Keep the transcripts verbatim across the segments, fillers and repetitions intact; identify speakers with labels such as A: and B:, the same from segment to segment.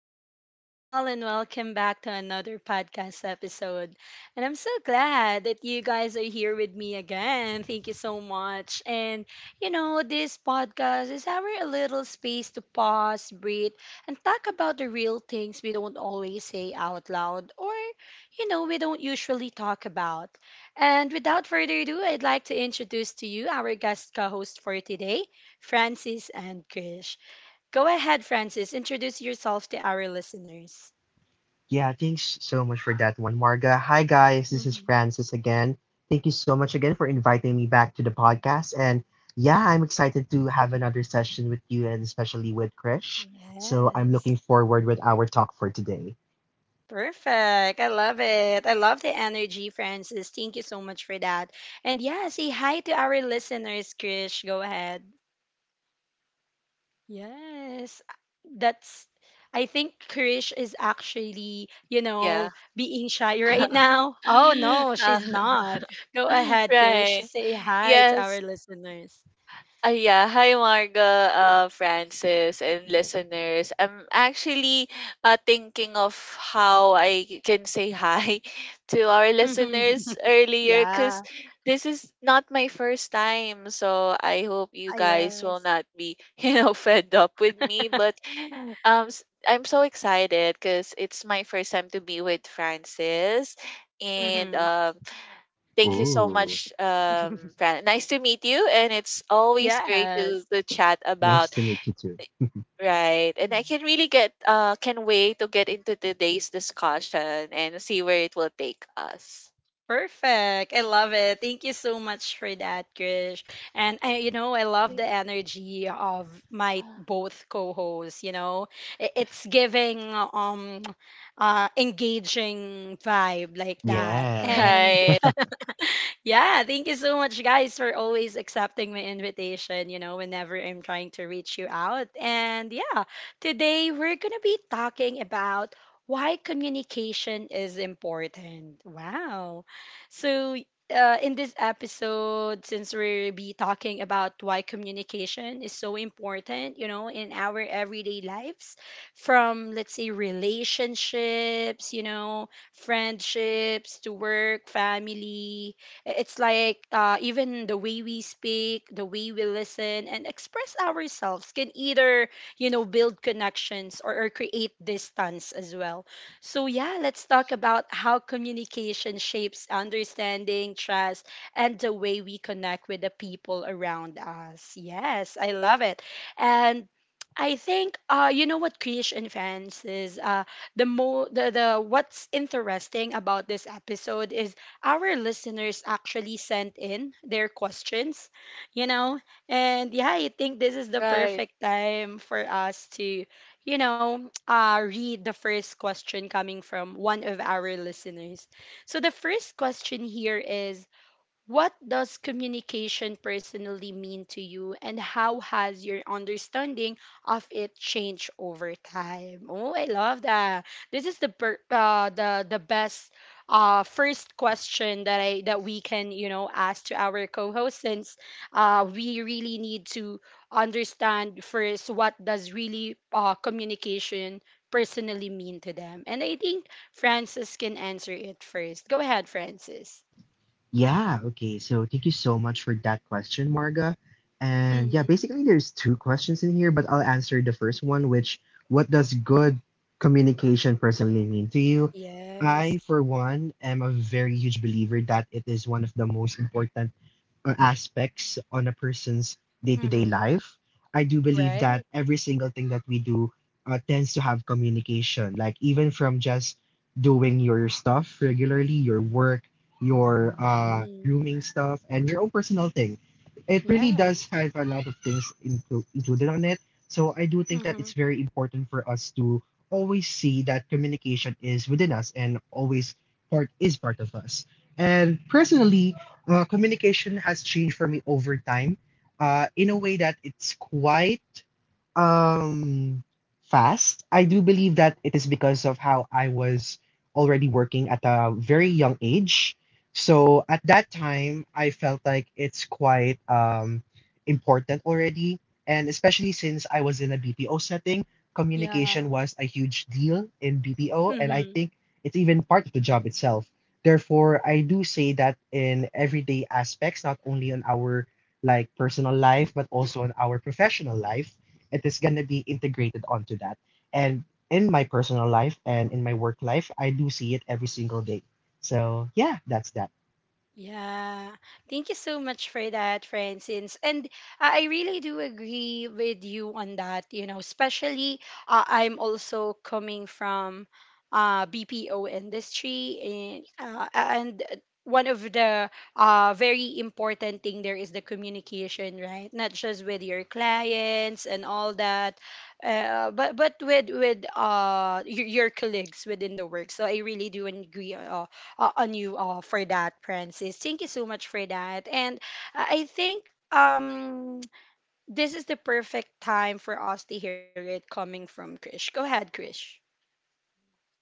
A: beautiful people, and welcome back to another podcast episode. And I'm so glad that you guys are here with me again. Thank you so much. And, you know, this podcast is our little space to pause, breathe, and talk about the real things we don't always say out loud or, you know, we don't usually talk about. And without further ado, I'd like to introduce to you our guest co host for today, Francis and Krish. Go ahead, Francis. Introduce yourself to our listeners.
B: Yeah, thanks so much for that one, Marga. Hi, guys. This is
A: Hmm.
B: Francis again. Thank you so much again for inviting me back to the podcast. And yeah, I'm excited to have another session with you and especially with Krish. So I'm
A: Yes.
B: looking forward with our talk for today.
A: Perfect. I love it. I love the energy, Francis. Thank you so much for that. And yeah, say hi to our listeners, Krish. Go ahead. Yes. That's I think Krish is actually, you know,
C: Yeah.
A: being shy right now. Oh no,
C: Uh,
A: she's not. Go ahead, Krish.
C: right.
A: Say hi to our
C: Yes.
A: listeners.
C: Uh, yeah, hi Marga, uh, Francis, and listeners. I'm actually uh, thinking of how I can say hi to our listeners earlier
A: Yeah.
C: because this is not my first time. So I hope you
A: Ah,
C: guys will
A: yes.
C: not be, you know, fed up with me. But um, s- I'm so excited because it's my first time to be with Francis. And
A: Mm-hmm.
C: um, Thank you so
B: Ooh,
C: much, um, Fran. Nice to meet you, and it's always great
A: Yes.
C: to to chat
B: nice
C: about
B: to meet you too.
C: right. And
A: Mm.
C: I can really get uh can wait to get into today's discussion and see where it will take us.
A: Perfect. I love it. Thank you so much for that, Krish. And I, you know, I love
C: Yeah.
A: the energy of my both co-hosts, you know. I- It's giving um uh engaging vibe like that.
B: Yeah.
A: And
C: Right,
A: yeah, thank you so much, guys, for always accepting my invitation, you know, whenever I'm trying to reach you out. And yeah, today we're going to be talking about why communication is important. Wow. So, uh, in this episode, since we'll be talking about why communication is so important, you know, in our everyday lives, from let's say relationships, you know, friendships to work, family, it's like uh, even the way we speak, the way we listen and express ourselves can either, you know, build connections or, or create distance as well. So, yeah, let's talk about how communication shapes understanding, trust, and the way we connect with the people around us. Yes, I love it. And I think uh you know what creation fans is uh the mo the, the what's interesting about this episode is our listeners actually sent in their questions, you know? And yeah, I think this is the
C: right.
A: perfect time for us to, you know, uh read the first question coming from one of our listeners. So the first question here is, what does communication personally mean to you, and how has your understanding of it changed over time? Oh, I love that. This is the per- uh, the the best uh, first question that I that we can, you know, ask to our co-host, since uh, we really need to understand first what does really uh, communication personally mean to them, and I think Francis can answer it first. Go ahead, Francis.
B: Yeah, okay. So thank you so much for that question, Marga. And yeah, basically there's two questions in here, but I'll answer the first one, which what does good communication personally mean to you? I,
A: Yes.
B: for one, am a very huge believer that it is one of the most important or aspects on a person's day-to-day
A: Mm-hmm.
B: life. I do believe
A: Right?
B: that every single thing that we do uh, tends to have communication. Like even from just doing your stuff regularly, your work, your uh,
A: Mm-hmm.
B: grooming stuff, and your own personal thing, it really
A: Yeah.
B: does have a lot of things inclu- included on it. So I do think that
A: Mm-hmm.
B: it's very important for us to always see that communication is within us and always part is part of us. And personally, uh, communication has changed for me over time uh, in a way that it's quite um, fast. I do believe that it is because of how I was already working at a very young age. So at that time, I felt like it's quite um, important already. And especially since I was in a B P O setting, communication
A: Yeah.
B: was a huge deal in B P O. And I
A: Mm-hmm.
B: think it's even part of the job itself. Therefore, I do say that in everyday aspects, not only on our like personal life, but also on our professional life, it is gonna be integrated onto that. And in my personal life and in my work life, I do see it every single day. So yeah, that's that.
A: Yeah. Thank you so much for that, Francis. And I I really do agree with you on that, you know, especially uh, I'm also coming from uh B P O industry and uh, and one of the uh, very important thing there is the communication, right? Not just with your clients and all that, uh, but but with with uh your, your colleagues within the work. So I really do agree uh, uh, on you all for that, Francis. Thank you so much for that. And I I think um this is the perfect time for us to hear it coming from Krish. Go ahead, Krish.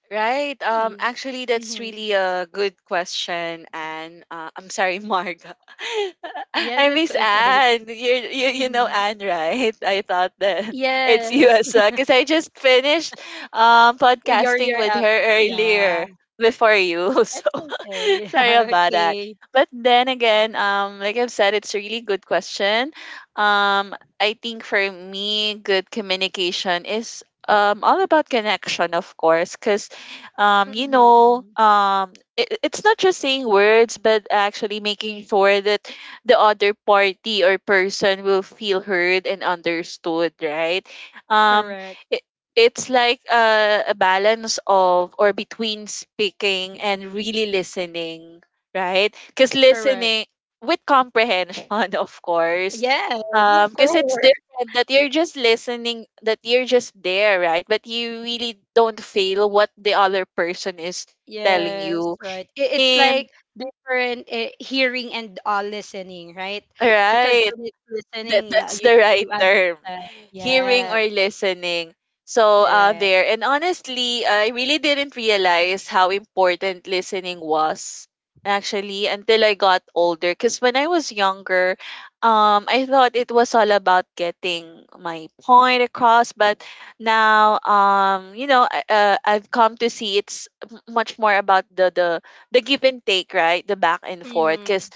C: Right.
A: Yeah.
C: Um. Actually,
A: Hmm.
C: that's really a good question, and uh, I'm sorry, Marga.
A: Yes, it's
C: I miss
A: okay.
C: Anne. You you
A: Hmm.
C: you know Anne, right? I thought that
A: Yes.
C: it's you as well, because I just finished um
A: you're you're up.
C: podcasting with her
A: Yeah,
C: earlier before
A: it's
C: you. So
A: okay. Yeah,
C: Sorry about
A: okay.
C: that. But then again, um, like I've said, it's a really good question. Um, I think for me, good communication is um, all about connection, of course, because um, you know,
A: Hmm.
C: um, it, it's not just saying words, but actually making sure that the other party or person will feel heard and understood, right? Um,
A: Correct.
C: it, it's like a, a balance of or between speaking and really listening, right? Because
A: Correct.
C: listening with comprehension, of course,
A: Yes,
C: um,
A: of
C: because it's
A: course.
C: different that you're just listening, that you're just there, right? But you really don't feel what the other person is telling
A: Yes,
C: you.
A: right. I- It's
C: And
A: like different uh, hearing and uh, listening, right? Because
C: right.
A: when it's
C: that
A: listening, yeah,
C: that's
A: you
C: the right
A: do
C: term,
A: understand.
C: hearing or
A: Yes,
C: listening. So uh
A: correct.
C: there. And honestly, I really didn't realize how important listening was actually until I got older, because when I was younger, um I thought it was all about getting my point across. But now, um you know I- uh, I've come to see it's m- much more about the the the give and take, right? The back and forth,
A: Mm-hmm.
C: because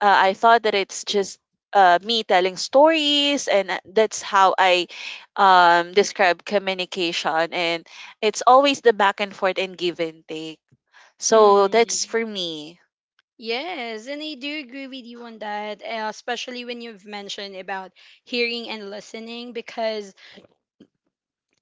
C: uh, I thought that it's just uh, me telling stories, and uh, that's how I um, describe communication. And it's always the back and forth and give and take. So that's
A: Mm-hmm.
C: for me.
A: Yes, and I do agree with you on that, uh, especially when you've mentioned about hearing and listening, because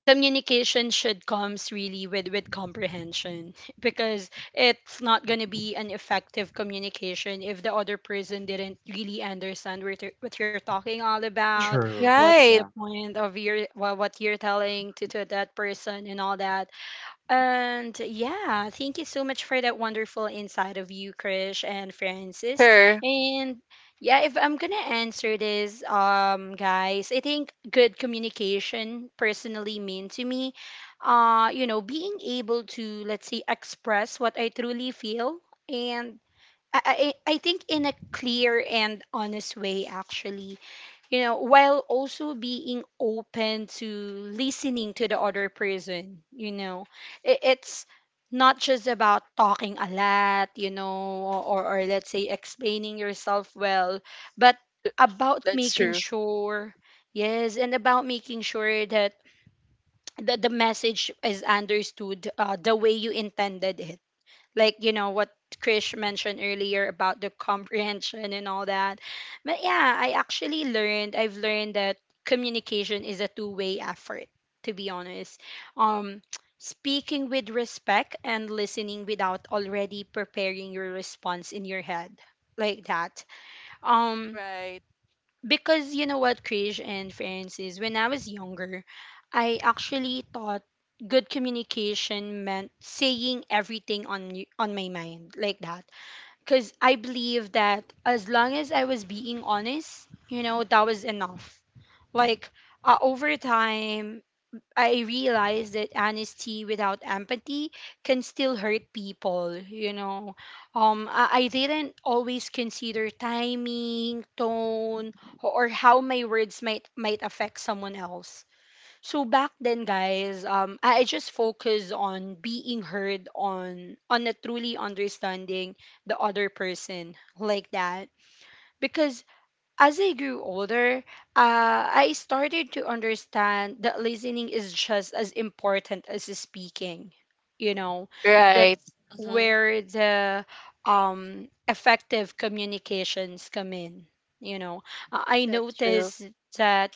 A: communication should comes really with with comprehension, because it's not going to be an effective communication if the other person didn't really understand what you're, what you're talking all about.
B: True.
A: What's the
C: Right.
B: Yeah.
A: point of your, well, what you're telling to, to that person and all that. And yeah, thank you so much for that wonderful insight of you, Krish and Francis.
C: Sure.
A: And yeah, if I'm gonna answer this, um, guys, I think good communication personally mean to me, uh, you know, being able to, let's say, express what I truly feel, and I I, I I think in a clear and honest way, actually, you know, while also being open to listening to the other person, you know, I- it's not just about talking a lot, you know, or, or let's say explaining yourself well, but about
C: That's
A: making
C: true.
A: sure, yes, and about making sure that the, the message is understood uh, the way you intended it, like, you know what Krish mentioned earlier about the comprehension and all that. But yeah, I actually learned I've learned that communication is a two-way effort, to be honest. Um, speaking with respect and listening without already preparing your response in your head like that. Um,
C: Right.
A: because you know what, Krish and Francis, when I was younger, I actually thought good communication meant saying everything on y- on my mind like that. Because I believe that as long as I was being honest, you know, that was enough. Like uh, over time, I realized that honesty without empathy can still hurt people, you know. Um, I, I didn't always consider timing, tone, or how my words might might affect someone else. So back then, guys, um, I I just focused on being heard, on on a truly understanding the other person, like that, because as I grew older, uh, I started to understand that listening is just as important as speaking. You know, that's
C: Right. Hmm.
A: where the um, effective communications come in. You know, I I
C: That's true.
A: noticed that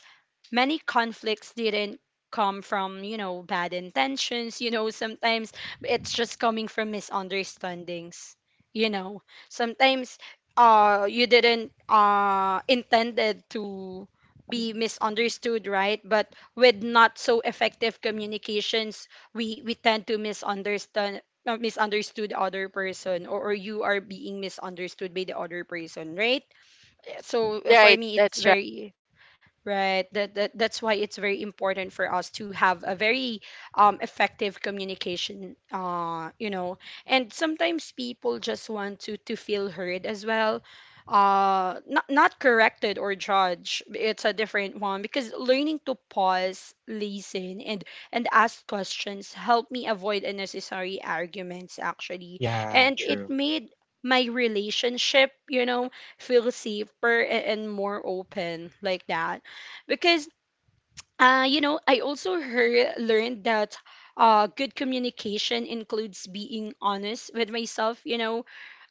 A: many conflicts didn't come from, you know, bad intentions. You know, sometimes it's just coming from misunderstandings. You know, sometimes uh, you didn't uh, intended to be misunderstood, right? But with not so effective communications, we we tend to misunderstand, uh, misunderstood other person, or, or you are being misunderstood by the other person, right? So
C: Right,
A: for me it's
C: that's right.
A: very, right. That, that that's why it's very important for us to have a very um, effective communication. Uh, you know, and sometimes people just want to to feel heard as well. Uh, not not corrected or judged. It's a different one, because learning to pause, listen, and and ask questions helped me avoid unnecessary arguments, actually,
B: Yeah.
A: and it
B: True.
A: made my relationship, you know, feel safer a- and more open like that, because uh, you know, i also heard, learned that uh, good communication includes being honest with myself, you know.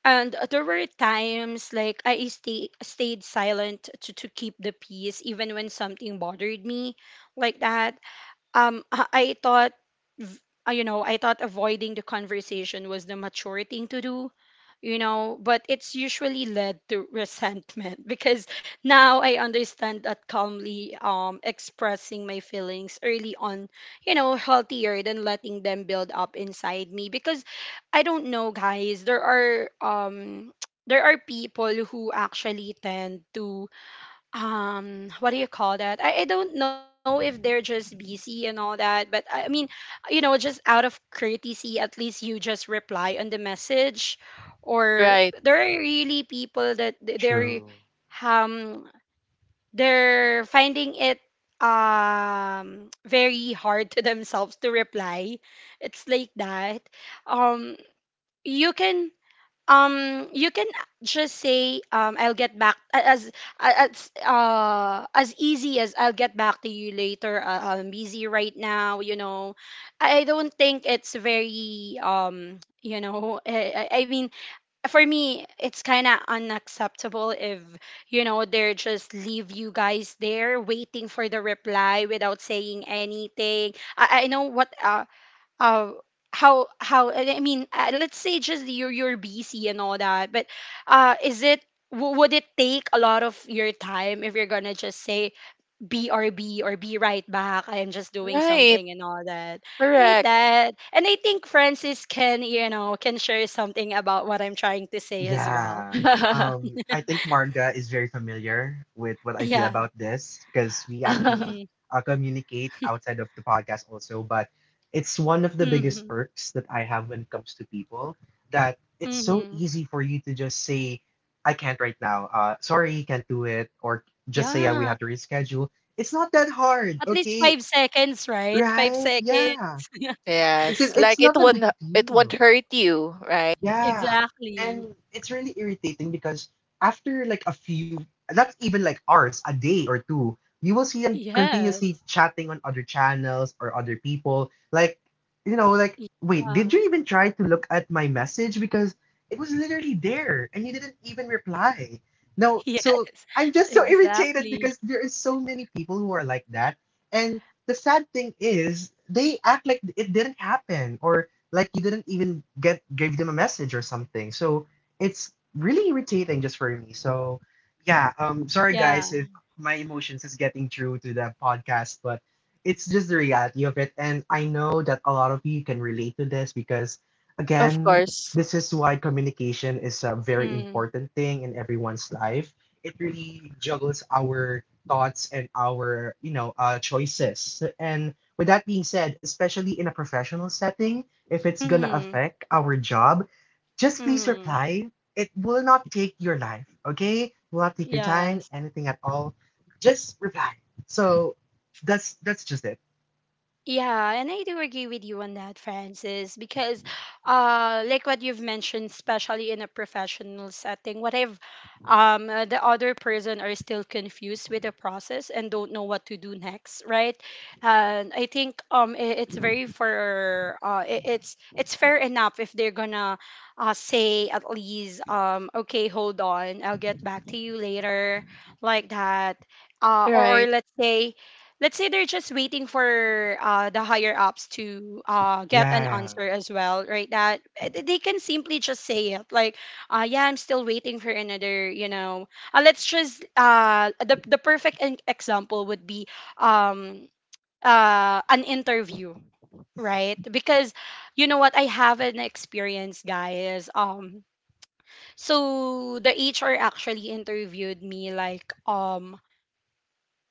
A: And there were times like i stay, stayed silent to, to keep the peace even when something bothered me, like that. Um, i, I thought v- uh, you know, I thought avoiding the conversation was the mature thing to do, you know, but it's usually led to resentment. Because now I understand that calmly um, expressing my feelings early on, you know, healthier than letting them build up inside me. Because I don't know, guys, there are um, there are people who actually tend to, um, what do you call that, I, I don't know if they're just busy and all that, but I mean, you know, just out of courtesy, at least you just reply on the message. Or
C: Right.
A: there are really people that th- they're
B: True.
A: um they're finding it um, very hard to themselves to reply, it's like that. Um you can um you can just say, um, I'll get back, as as uh as easy as, I'll get back to you later, uh, I'm busy right now, you know. I don't think it's very, um, you know, i, I I mean, for me it's kind of unacceptable if, you know, they're just leave you guys there waiting for the reply without saying anything. i, I know what uh uh how how I mean uh, Let's say just you're you're busy and all that, but uh is it, w- would it take a lot of your time if you're gonna just say, brb, or be right back, I'm just doing
C: Right.
A: something and all that, right?
C: Correct.
A: That, and I think Francis can, you know, can share something about what I'm trying to say as well.
B: Yeah. Um, I think Marga is very familiar with what I feel
A: Yeah.
B: about this because we actually
A: Mm-hmm.
B: uh, communicate outside of the podcast also. But it's one of the
A: Hmm.
B: biggest perks that I have when it comes to people that it's so
A: Hmm.
B: easy for you to just say, I can't right now. Uh, sorry, can't do it. Or just say, yeah, we
A: Yeah.
B: have to reschedule.
A: S-
B: It's not that hard,
A: at least five
B: okay?
A: seconds right? five
B: Right?
A: seconds
B: Yeah. Because
C: Yes.
B: it's
C: Like it
B: not a
C: will
B: big
C: not, it won't
B: deal.
C: hurt you, right?
B: Yeah.
A: Exactly.
B: And it's really irritating because after like a few, not even like hours, a day or two, you will see them continuously
A: Yes.
B: chatting on other channels or other people. Like, you know, like, wait, did
A: Yeah.
B: you even try to look at my message? Because it was literally there and you didn't even reply. No, so
A: Yes.
B: I'm just so irritated
A: Exactly.
B: because there is so many people who are like that. And the sad thing is, they act like it didn't happen or like you didn't even get gave them a message or something. So it's really irritating just for me. So yeah, um sorry
A: Yeah.
B: guys if my emotions is getting through to the podcast, but it's just the reality of it. And I know that a lot of you can relate to this because
C: Of
B: again,
C: course.
B: this is why communication is a very
A: Mm.
B: important thing in everyone's life. It really juggles our thoughts and our, you know, uh, choices. And with that being said, especially in a professional setting, if it's gonna
A: Mhm.
B: affect our job, just please
A: Mhm.
B: reply. It will not take your life, okay? Will not take your time,
A: Yes.
B: anything at all. Just reply. So that's that's just it.
A: Yeah, and I do agree with you on that, Francis, because uh like what you've mentioned, especially in a professional setting, what if um uh, the other person are still confused with the process and don't know what to do next, right? And I think, um, i- it's very for uh i- it's it's fair enough if they're gonna uh say at least, um, okay, hold on, I'll get back to you later, like that. Uh or,
C: Right.
A: or let's say let's say they're just waiting for uh, the higher ups to uh, get an
B: Yeah,
A: answer as well, right? That uh, th- they can simply just say it like uh, yeah, I'm still waiting for another you know uh, let's just uh, the, The perfect en- example would be um, uh, an interview, right? Because you know what, I have an experience, guys. Um so the HR actually interviewed me like um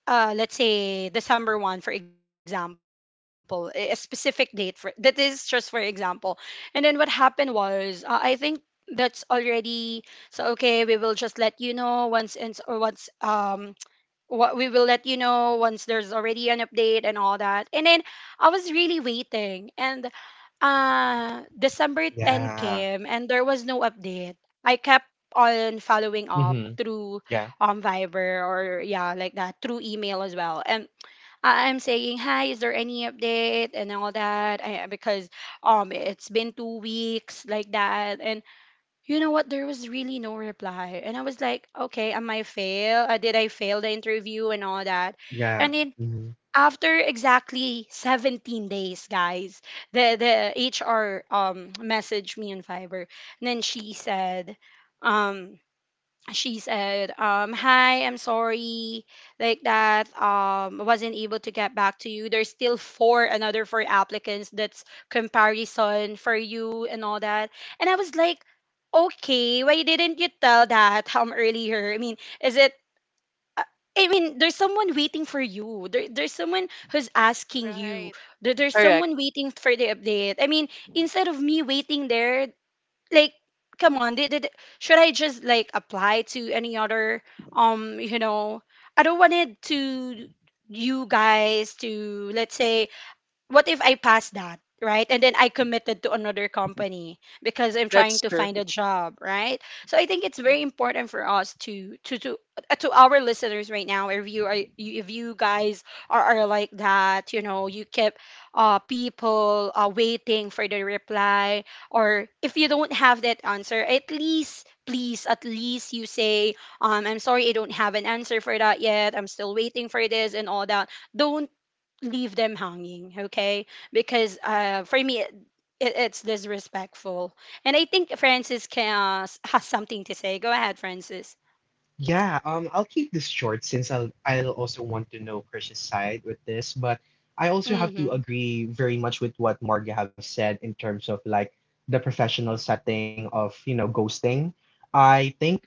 A: uh, let's say December one, for example. A a specific date for that is just for example. And then what happened was, uh, I think that's already, so okay, we will just let you know once and or once um what we will let you know once there's already an update and all that. And then I was really waiting, and uh, December ten
B: yeah.
A: came, and there was no update. I kept on following up
B: Mm-hmm.
A: through
B: Yeah,
A: um Viber or, yeah, like that, through email as well. And I- I'm saying, "Hi, is there any update?" and all that. I, because um it's been two weeks like that. And you know what? There was really no reply. And I was like, "Okay, am I fail? Uh, did I fail the interview and all that?"
B: yeah.
A: And then
B: Mm-hmm.
A: after exactly seventeen days, guys, the the H R um messaged me on Fiverr. And then she said, um, she said, um, "Hi, I'm sorry," like that. Um, I wasn't able to get back to you. There's still four another four applicants that's comparison for you and all that. And I was like, okay, why didn't you tell that um earlier? I mean, is it, I I mean, there's someone waiting for you. There, there's someone who's asking you.
C: Right.
A: There, there's
C: Correct.
A: someone waiting for the update. I mean, instead of me waiting there, like, come on, did, did, should I just like apply to any other, um, you know, I don't want it to, you guys, to, let's say, what if I pass that, right? And then I committed to another company because I'm trying
C: That's
A: to
C: true.
A: find a job, right? So I think it's very
C: Mhm.
A: important for us to to to uh, to our listeners right now. If you are you- if you guys are, are like that, you know, you keep uh people uh, waiting for the reply, or if you don't have that answer, at least, please, at least you say, um, I'm sorry, I don't have an answer for that yet, I'm still waiting for this and all that. Don't leave them hanging, okay? Because uh, for me, it, it's disrespectful. And I think Francis can, has something to say. Go ahead, Francis.
B: Yeah, um, I'll keep this short since I'll I'll also want to know Krish's side with this, but I also have to
A: Mm-hmm.
B: agree very much with what Marga have said in terms of like the professional setting of, you know, ghosting. I think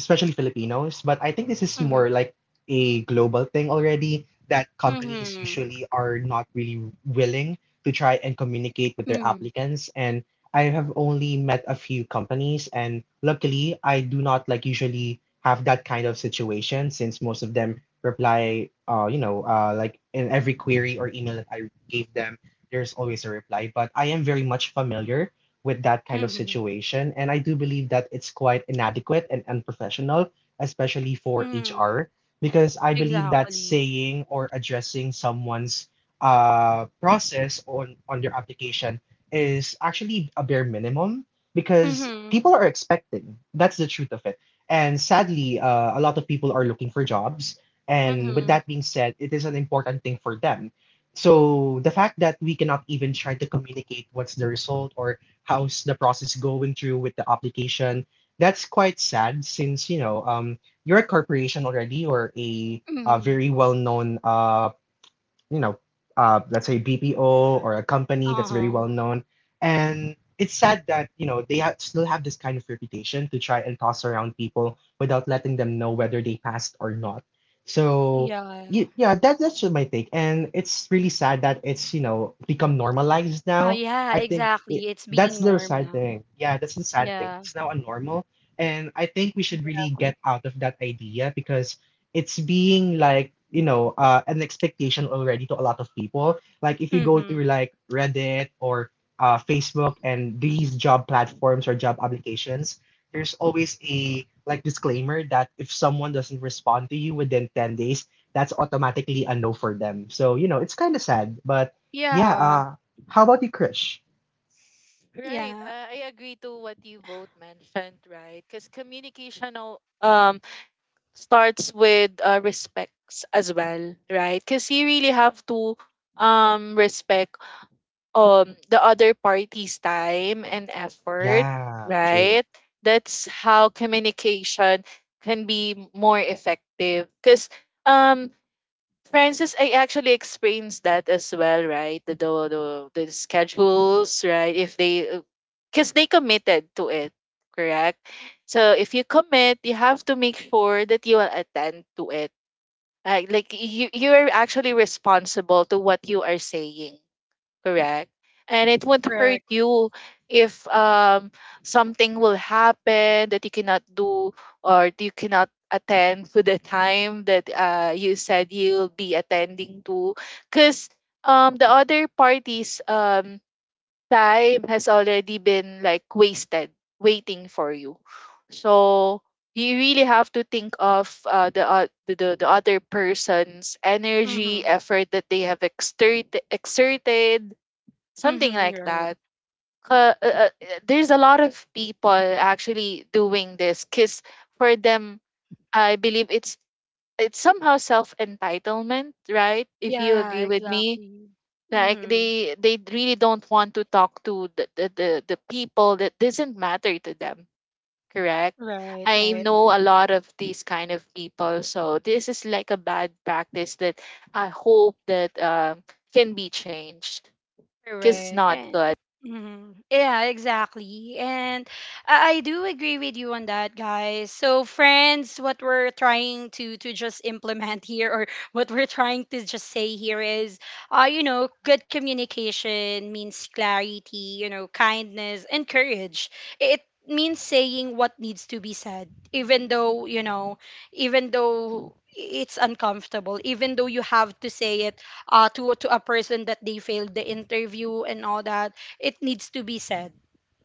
B: especially Filipinos. But I think this is
A: Mm-hmm.
B: more like a global thing already that companies
A: Mm-hmm.
B: usually are not really willing to try and communicate with their
A: Mm-hmm.
B: applicants. And I have only met a few companies, and luckily, I do not like usually have that kind of situation since most of them reply, uh, you know, uh, like in every query or email that I gave them, there's always a reply. But I am very much familiar with that kind of
A: Mm-hmm,
B: situation. And I do believe that it's quite inadequate and unprofessional, especially for
A: mm-hmm.
B: H R, because I believe that
A: Exactly.
B: saying or addressing someone's uh, process on, on their application is actually a bare minimum because
A: Mm-hmm.
B: people are expecting. That's the truth of it. And sadly, uh, a lot of people are looking for jobs. And with
A: Mm-hmm.
B: that being said, it is an important thing for them. So the fact that we cannot even try to communicate what's the result or how's the process going through with the application. That's quite sad since, you know, um, you're a corporation already or a, a
A: Mm-hmm.
B: very well-known uh, you know, uh, let's say B P O or a company that's
A: Uh-huh.
B: very well known. And it's sad that you know they ha- still have this kind of reputation to try and toss around people without letting them know whether they passed or not. So
A: Yeah,
B: y- yeah, that, that's just my take, and it's really sad that it's you know become normalized
A: uh,
B: now.
A: yeah,
B: I think
A: exactly,
B: it,
A: it's being
B: that's the
A: norm
B: sad
A: now.
B: thing. Yeah, that's the sad
A: Yeah.
B: thing. It's now a normal, and I think we should really get out of that idea because it's being like you know uh, an expectation already to a lot of people like if you go
A: Mm-hmm.
B: through like reddit or uh, facebook and these job platforms or job applications there's always a like disclaimer that if someone doesn't respond to you within ten days that's automatically a no for them so you know it's kind of sad but yeah
A: Yeah.
B: uh how about you krish
C: Right.
A: Yeah.
C: I, I agree to what you both mentioned, right? Because communication al- um starts with uh, respects as well, right? Because you really have to um respect um the other party's time and effort,
B: yeah true
C: right? That's how communication can be more effective. Because um Francis, I actually experienced that as well, right? The the, the, the schedules, right? If they, because they committed to it, correct? So if you commit, you have to make sure that you will attend to it. Like, like you you are actually responsible to what you are saying, correct, and it won't hurt
A: Correct.
C: you if um something will happen that you cannot do or you cannot attend to the time that uh you said you'll be attending to, because um the other party's um time has already been like wasted waiting for you. So you really have to think of uh, the, uh, the the the other person's energy,
A: Mm-hmm.
C: effort that they have exerted exerted, something
A: Mm-hmm.
C: like
A: Right.
C: that. Uh, uh, uh, there's a lot of people actually doing this because for them, I believe it's it's somehow self entitlement, right? If you
A: Yeah,
C: agree with me,
A: exactly.
C: like
A: Mm-hmm.
C: they they really don't want to talk to the the, the, the people that doesn't matter to them, correct?
A: Right,
C: I
A: right.
C: know a lot of these kind of people, so this is like a bad practice that I hope that um, can be changed because it's
A: Correct.
C: not
A: And,
C: good.
A: mhm. Yeah, exactly. And I, I do agree with you on that, guys. So, friends, what we're trying to to just implement here, or what we're trying to just say here is, uh, you know, good communication means clarity, you know, kindness and courage. It means saying what needs to be said, even though, you know, even though it's uncomfortable, even though you have to say it uh, to to a person that they failed the interview and all that. It needs to be said,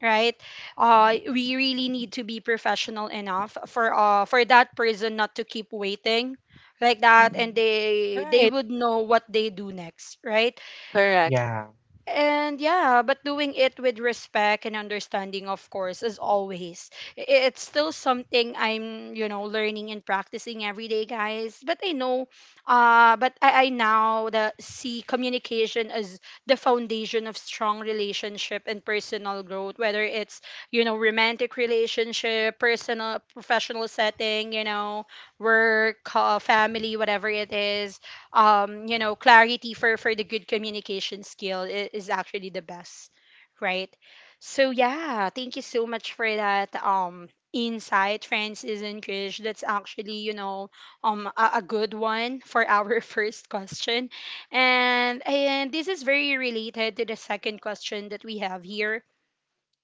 A: right? Uh we really need to be professional enough for uh for that person not to keep waiting like that, and
C: Mhm.
A: they they
C: Right.
A: would know what they do next, right?
C: Correct.
B: yeah.
A: And yeah, but doing it with respect and understanding, of course, as always. I- It's still something I'm, you know, learning and practicing every day, guys. But I know, uh, but I, I now the see communication as the foundation of strong relationship and personal growth, whether it's, you know, romantic relationship, personal, professional setting, you know, work, uh, family, whatever it is, um, you know, clarity for for the good communication skill I- is actually the best, right? So yeah, thank you so much for that um insight, Francis and Krish. That's actually, you know, um a, a good one for our first question. And and this is very related to the second question that we have here,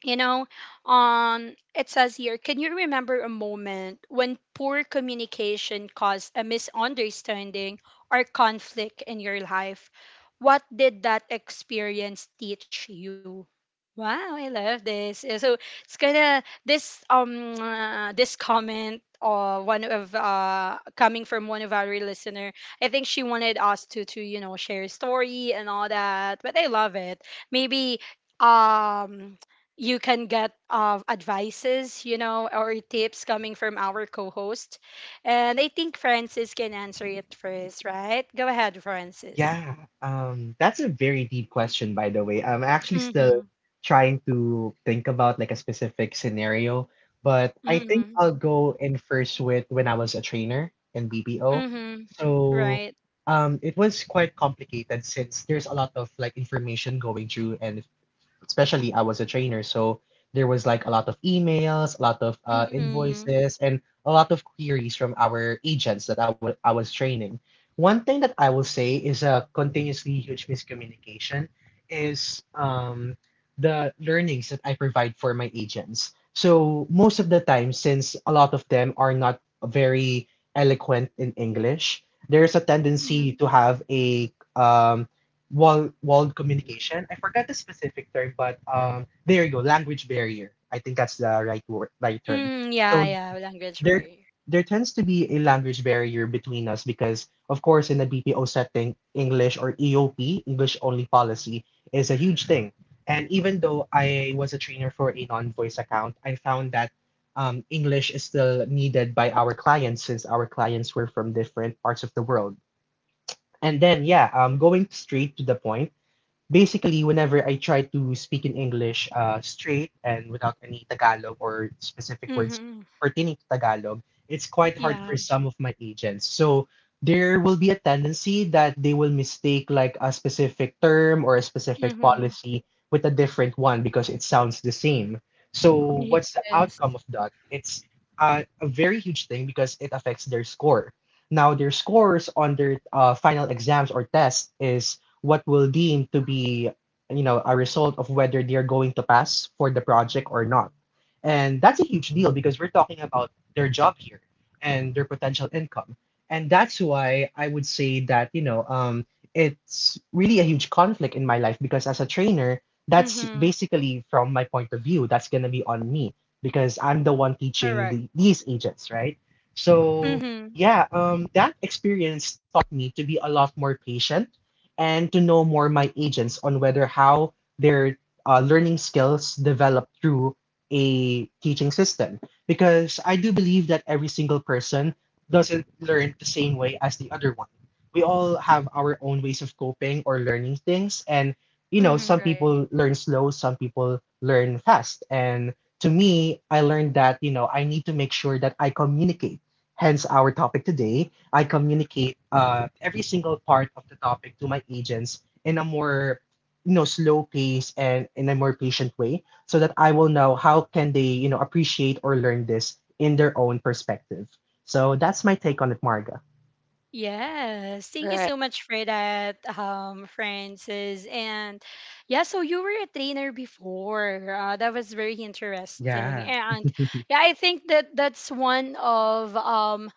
A: you know, um, it says here, can you remember a moment when poor communication caused a misunderstanding or conflict in your life? What did that experience teach you? Wow, I love this. Uh, So it's kind of this um uh, this comment, uh one of uh coming from one of our listener. I think she wanted us to to you know, share a story and all that, but I love it. Maybe um you can get uh, advices, you know, or tips coming from our co-host. And I think Francis can answer it first, right? Go ahead, Francis.
B: Yeah, um, that's a very deep question, by the way. I'm actually
A: Mm-hmm.
B: still trying to think about like a specific scenario, but I think
A: Mm-hmm.
B: I'll go in first with when I was a trainer in B P O.
A: Mm-hmm.
B: So,
A: Right.
B: um, it was quite complicated since there's a lot of like information going through and especially I was a trainer, so there was like a lot of emails, a lot of uh,
A: Mm-hmm.
B: invoices, and a lot of queries from our agents that I wa- I was training. One thing that I will say is a continuously huge miscommunication is um, the learnings that I provide for my agents. So most of the time, since a lot of them are not very eloquent in English, there's a
A: Mm-hmm.
B: tendency to have a um, wall walled communication. I forgot the specific term, but um, there you go, language barrier. I think that's the right word, right term.
A: Mm, yeah,
B: So
A: yeah, language
B: there
A: barrier.
B: there tends to be a language barrier between us because, of course, in a B P O setting, English or E O P, English only policy, is a huge thing. And even though I was a trainer for a non-voice account, I found that um, English is still needed by our clients since our clients were from different parts of the world. And then, yeah, um, going straight to the point, basically, whenever I try to speak in English uh, straight and without any Tagalog or specific words
A: Mm-hmm.
B: pertaining to Tagalog, it's quite hard
A: Yeah.
B: for some of my agents. So there will be a tendency that they will mistake like a specific term or a specific
A: Mm-hmm.
B: policy with a different one because it sounds the same. So what's the
A: Yes.
B: outcome of that? It's a, a very huge thing because it affects their score. Now, their scores on their uh, final exams or tests is what will deem to be, you know, a result of whether they're going to pass for the project or not. And that's a huge deal because we're talking about their job here and their potential income. And that's why I would say that, you know, um, it's really a huge conflict in my life because as a trainer, that's
A: Mm-hmm.
B: basically from my point of view, that's going to be on me because I'm the one
A: Correct.
B: teaching the, these agents, right? So,
A: Mm-hmm.
B: yeah, um, that experience taught me to be a lot more patient and to know more my agents on whether how their uh, learning skills develop through a teaching system. Because I do believe that every single person doesn't learn the same way as the other one. We all have our own ways of coping or learning things. And, you know, some
A: Mm-hmm.
C: Right.
B: people learn slow, some people learn fast. And to me, I learned that, you know, I need to make sure that I communicate. Hence our topic today I communicate uh, every single part of the topic to my agents in a more you know slow pace and in a more patient way so that I will know how can they you know appreciate or learn this in their own perspective. So that's my take on it, Marga.
A: Yes, thank you
C: Right.
A: so much for that, um, Francis. And yeah, so you were a trainer before. Uh, that was very interesting.
B: Yeah.
A: And yeah, I think that that's one of um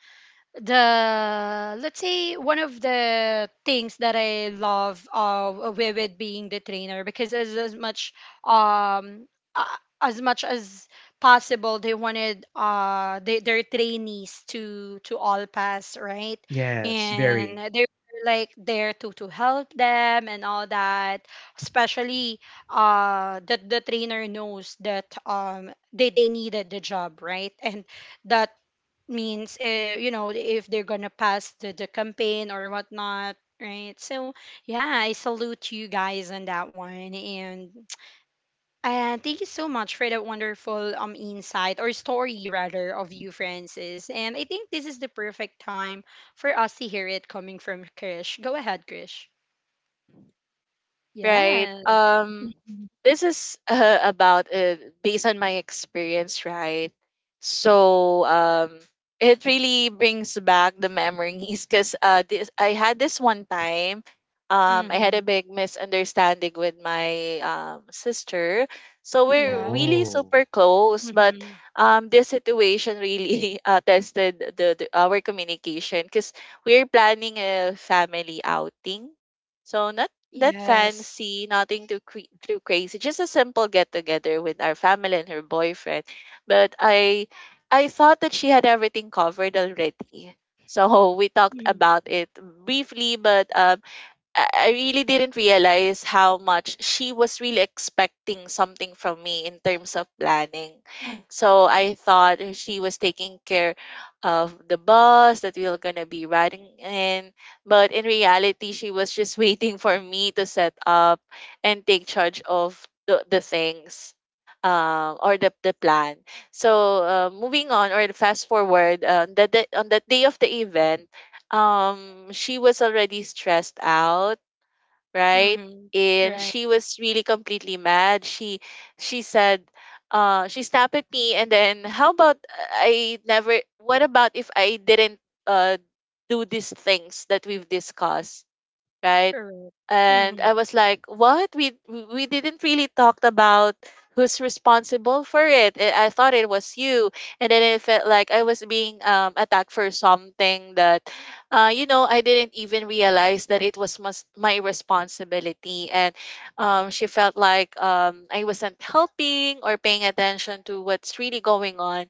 A: the, let's say, one of the things that I love uh with, with being the trainer because as, as much, um uh, as much as possible, they wanted uh they, their trainees to to all pass, right?
B: Yes,
A: And
B: very.
A: they were like there to to help them and all that, especially uh that the trainer knows that um they they needed the job, right? And that means, uh, you know, if they're gonna pass the, the campaign or whatnot, right? So yeah, I salute you guys on that one. And uh, thank you so much for that wonderful um insight or story rather of you, Francis. And I think this is the perfect time for us to hear it coming from Krish. Go ahead, Krish.
C: Mm. Right.
A: Yes.
C: Um,
A: Mhm.
C: this is uh, about uh, based on my experience, right? So um, it really brings back the memories, because uh, this I had this one time. Um, I had
A: Mm-hmm.
C: a big misunderstanding with my um, sister, so
A: Yeah.
C: we're really
B: Oh,
C: super close. But
A: Mm-hmm.
C: um, this situation really uh, tested the, the our communication, because we're planning a family outing. So not that
A: Yes.
C: fancy, nothing too cre- too crazy. Just a simple get together with our family and her boyfriend. But I I thought that she had everything covered already. So we talked
A: Mm-hmm.
C: about it briefly, but uh, I I really didn't realize how much she was really expecting something from me in terms of planning. So I thought she was taking care of the bus that we were gonna be riding in. But in reality, she was just waiting for me to set up and take charge of the, the things. Um, or the, the plan. So uh, moving on or fast forward, uh, that day- on that day of the event, um she was already stressed out, right?
A: Mm-hmm.
C: And
A: Right.
C: she was really completely mad. She she said, uh, she snapped at me, and then how about I never? What about if I didn't uh do these things that we've discussed, right?
A: Correct.
C: And
A: Mm-hmm.
C: I was like, "What? We we didn't really talk about who's responsible for it. I I thought it was you." And then it felt like I was being um attacked for something that, uh, you know, I didn't even realize that it was must my responsibility. And um, she felt like um I wasn't helping or paying attention to what's really going on,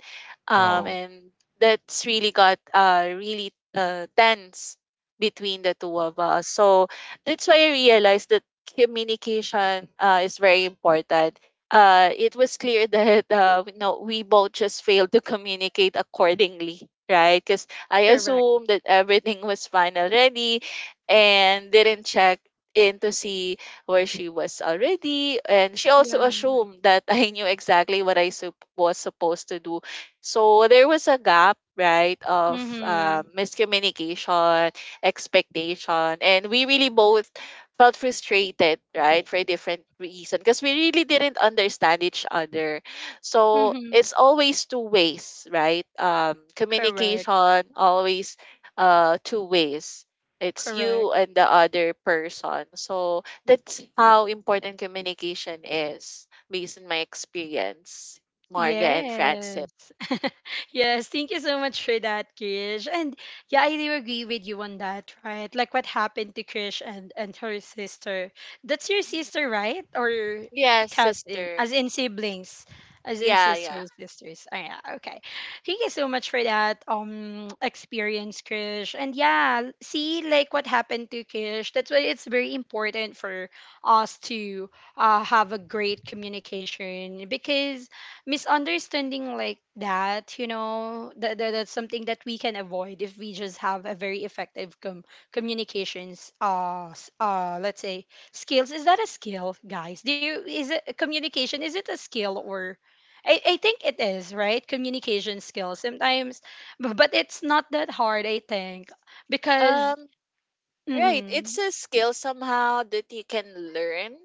C: um,
B: oh,
C: and that's really got uh really uh tense between the two of us. So that's why I realized that communication uh, is very important. Uh, it was clear that uh, we- no, we both just failed to communicate accordingly, right? Because I
A: Correct.
C: assumed that everything was fine already, and didn't check in to see where she was already. And she also
A: Yeah.
C: assumed that I knew exactly what I sup- was supposed to do. So there was a gap, right, of uh,
A: Mm-hmm.
C: miscommunication, expectation, and we really both felt frustrated, right, for a different reason, because we really didn't understand each other. So
A: Mm-hmm.
C: it's always two ways, right? um
A: Correct.
C: communication always uh two ways. It's you
A: Correct.
C: and the other person. So that's how important communication is based on my experience, Marga and Francis.
A: Yes. Yes, thank you so much for that, Krish. And yeah, I do agree with you on that, right? Like what happened to Krish and and her sister. That's your
C: Mhm.
A: sister, right? Or
C: Yes,
A: cousin,
C: sister.
A: as in siblings, as in
C: Yeah, yeah.
A: sisters, sisters. Oh, yeah, okay. Thank you so much for that um experience, Krish. And yeah, see like what happened to Krish. That's why it's very important for us to uh, have a great communication, because misunderstanding like that, you know, that, that that's something that we can avoid if we just have a very effective com- communications uh s- uh let's say skills. Is that a skill, guys? Do you, is it communication, is it a skill or, I, I think it is, right? Communication skills, sometimes, but, but it's not that hard, I think, because
C: um right. It's
A: mm-hmm,
C: a skill somehow that you can learn,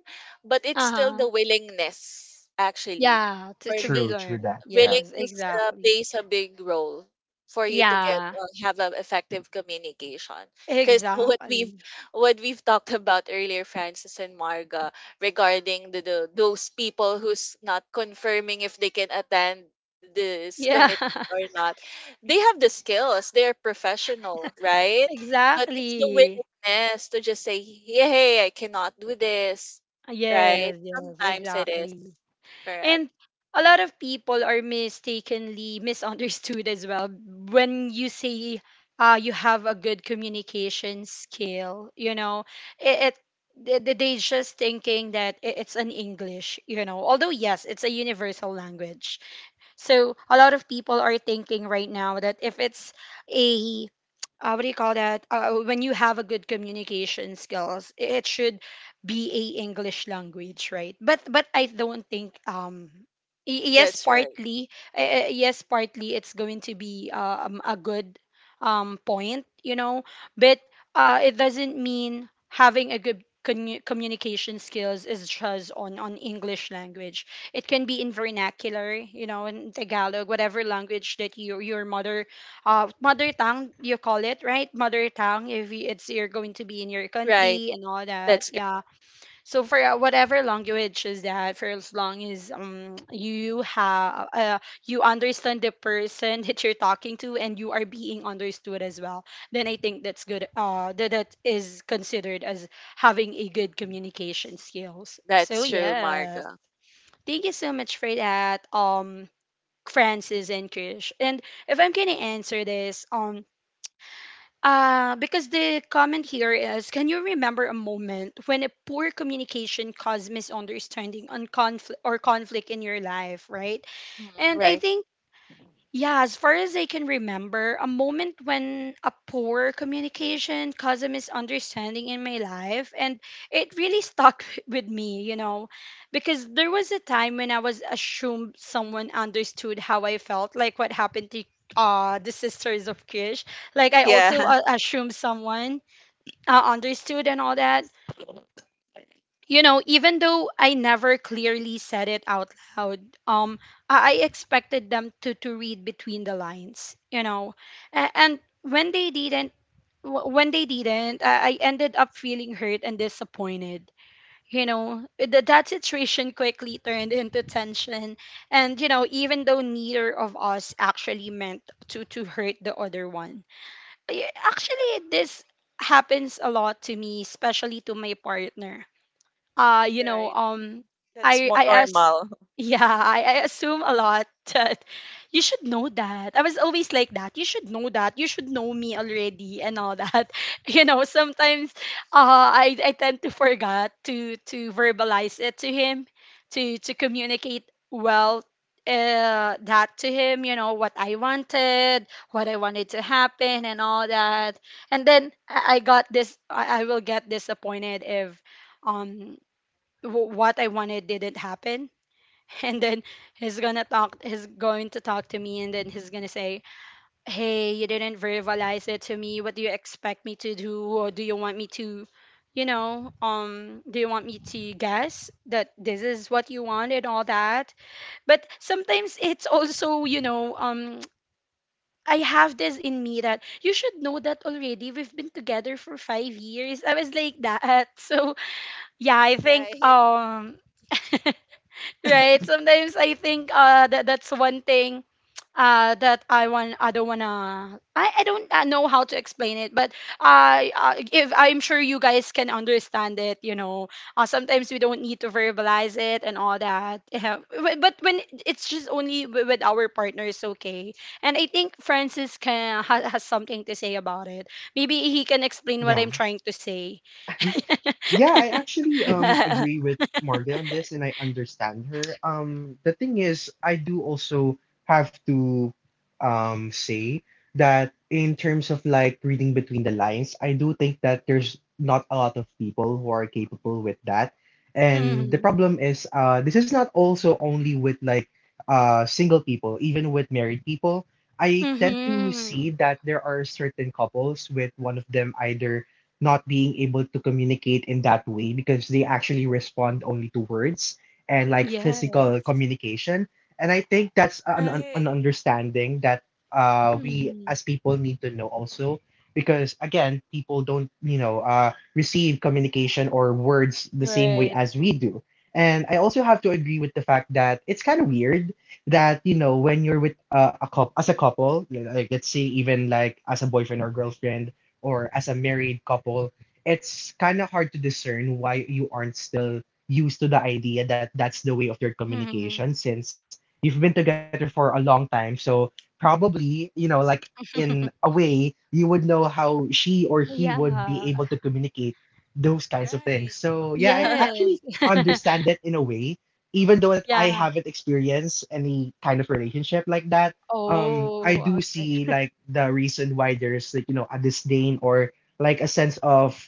C: but it's still
A: uh-huh,
C: the willingness, actually,
A: yeah, to,
C: for
A: to be
B: true,
C: me.
B: true
A: learned,
B: that. Yeah,
A: yes,
C: Willingness uh,
A: exactly.
C: plays a big role for you to get
A: Yeah,
C: uh, have an effective communication. Because what we've
A: exactly.
C: what we've talked about earlier, Francis and Marga, regarding the, the those people who's not confirming if they can attend this
A: Yeah,
C: commitment or not, they have the skills. They are professional, right? But it's the,
A: exactly.
C: yes, to just say, "Yeah, hey, I cannot do this." Right?
A: Yes, yes,
C: Sometimes it is.
A: exactly.
C: Correct.
A: And a lot of people are mistakenly misunderstood as well when you say, uh, you have a good communication skill. You know, it, it they they- they just thinking that I- it's an English. You know, although yes, it's a universal language. So a lot of people are thinking right now that if it's a, uh, what do you call that? Uh, when you have a good communication skills, I- it should be a English language, right? But but I don't think um y- yes,
C: That's right.
A: partly, uh, uh, yes, partly it's going to be, uh, um, a good um point, you know, but uh it doesn't mean having a good commu- communication skills is just on on English language. It can be in vernacular, you know, in Tagalog, whatever language that your your mother, uh, mother tongue, you call it, right, mother tongue, if you, it's you're going to be in your
C: Right.
A: country and all that,
C: That's correct.
A: yeah. So for uh, whatever language is that, for as long as um you have, uh, you understand the person that you're talking to, and you are being understood as well, then I think that's good, uh that, that is considered as having a good communication skills. So
C: That's true,
A: yes,
C: Marga.
A: thank you so much for that, um Francis and Krish. And if I'm gonna answer this, um uh, because the comment here is, can you remember a moment when a poor communication caused misunderstanding on conflict or conflict in your life, right?
C: Mhm.
A: And I
C: Right.
A: think, yeah, as far as I can remember, a moment when a poor communication caused a misunderstanding in my life, and it really stuck with me, you know, because there was a time when I was assumed someone understood how I felt, like what happened to uh the sisters of Kish. Like I
C: Yeah.
A: also, uh, assumed someone uh, understood and all that, you know, even though I never clearly said it out loud, um, I I expected them to, to read between the lines, you know, and, and when they didn't, wh- when they didn't, I I ended up feeling hurt and disappointed. You know, Th- that situation quickly turned into tension, and you know, even though neither of us actually meant to to hurt the other one. I- actually, this happens a lot to me, especially to my partner. Uh you know
C: Right.
A: um
C: Mhm. That's
A: I
C: more
A: I asked
C: normal.
A: Yeah, I, I assume a lot that you should know that I was always like that, you should know, that you should know me already and all that. You know, sometimes uh i i tend to forget to to verbalize it to him, to to communicate well, uh, that, to him, you know, what I wanted, what I wanted to happen and all that. And then i I got this, i I will get disappointed if um w- what I wanted didn't happen. And then he's gonna talk. He's going to talk to me, and then he's gonna say, "Hey, you didn't verbalize it to me. What do you expect me to do, or do you want me to, you know, um, do you want me to guess that this is what you want and all that?" But sometimes it's also, you know, um, I have this in me that you should know that already. We've been together for five years. I was like that. So yeah, I think
C: Right.
A: um. Right? Sometimes I think uh that that's one thing uh that I want, I don't wanna, I, I don't uh, know how to explain it, but I, uh, if I'm sure you guys can understand it, you know. Uh, sometimes we don't need to verbalize it and all that. Yeah. But but when it's just only wi- with our partners, okay. And I think Francis can ha, has something to say about it. Maybe he can explain what I'm
B: yeah,
A: trying to say.
B: yeah. I actually um agree with Marga on this, and I understand her. Um, the thing is, I do also have to um say that in terms of like reading between the lines, I do think that there's not a lot of people who are capable with that. And the
A: Mhm.
B: problem is uh this is not also only with like uh single people, even with married people. I tend to see
A: Mhm.
B: that there are certain couples with one of them either not being able to communicate in that way because they actually respond only to words and like physical
A: Yes.
B: communication, and I think that's an, an, an
C: Right.
B: understanding that uh, we as
A: Mhm.
B: people need to know also. Because again, people don't, you know, uh, receive communication or words the same way
A: Right.
B: as we do. And I also have to agree with the fact that it's kind of weird that, you know, when you're with uh, a couple, as a couple, like let's say even like as a boyfriend or girlfriend or as a married couple, it's kind of hard to discern why you aren't still used to the idea that that's the way of your
A: Mhm.
B: communication since you've been together for a long time. So probably, you know, like in a way, you would know how she or he would be
A: Yeah.
B: able to communicate those kinds of things.
C: Right.
B: So yeah, I actually
A: Yes.
B: understand that in a way, even though that I
A: Yeah.
B: haven't experienced any kind of relationship like that. Um, I
A: Oh,
B: do see
A: okay.
B: like the reason why there's like you know a disdain or like a sense of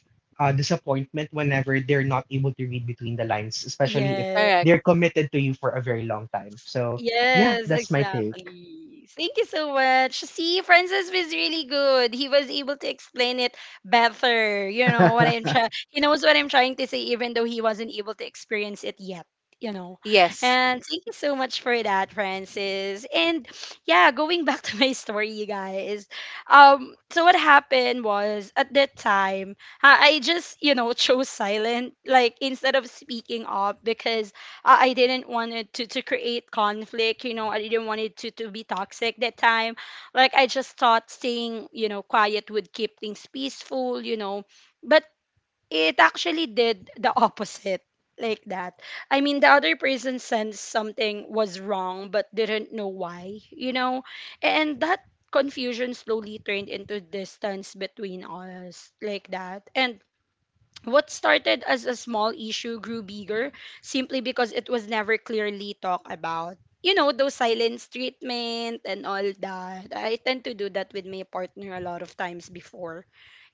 B: uh, disappointment whenever they're not able to read between the lines, especially if
A: Yes.
C: Correct.
B: they're committed to you for a very long time. So yeah,
A: Yes,
B: that's my take.
A: exactly. Thank you so much. See, Francis was really good. He was able to explain it better. You know what I'm trying. He knows what I'm trying to say, even though he wasn't able to experience it yet. You know,
C: Yes.
A: and thank you so much for that, Francis. And yeah, going back to my story, you guys. Um, so what happened was, at that time, I I just, you know, chose silent, like instead of speaking up, because I I didn't want it to, to create conflict. You know, I didn't want it to, to be toxic that time. Like I just thought staying, you know, quiet would keep things peaceful, you know. But it actually did the opposite like that. I mean, the other person sensed something was wrong but didn't know why, you know. And that confusion slowly turned into distance between us like that. And what started as a small issue grew bigger simply because it was never clearly talked about. You know, those silence treatment and all that. I tend to do that with my partner a lot of times before.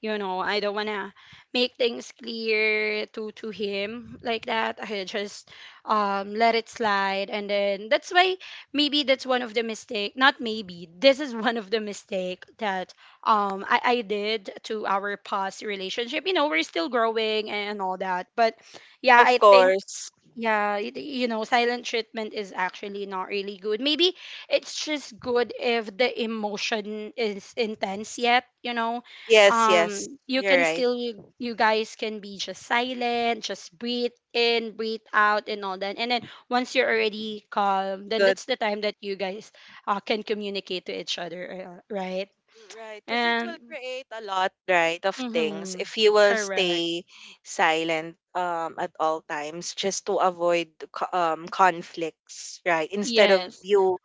A: You know, I don't wanna make things clear to to him like that. I just um let it slide, and then that's why maybe that's one of the mistake, not maybe, this is one of the mistake that um I, I did to our past relationship. You know, we're still growing and all that. But yeah,
C: Of
A: I think
C: course.
A: yeah, y- you know, silent treatment is actually not really good. Maybe it's just good if the emotion is intense yet, you know.
C: Yes, yes.
A: Um, you
C: You're
A: can
C: right.
A: still, you you guys can be just silent, just breathe in, breathe out and all that. And then once you're already calm, then
C: Good.
A: that's the time that you guys uh, can communicate to each other, uh, right?
C: Right, because it will
A: And
C: create a lot, right, of things
A: mm-hmm,
C: if you will
A: correct.
C: stay silent um, at all times just to avoid co- um, conflicts, right, instead of
A: Yes.
C: you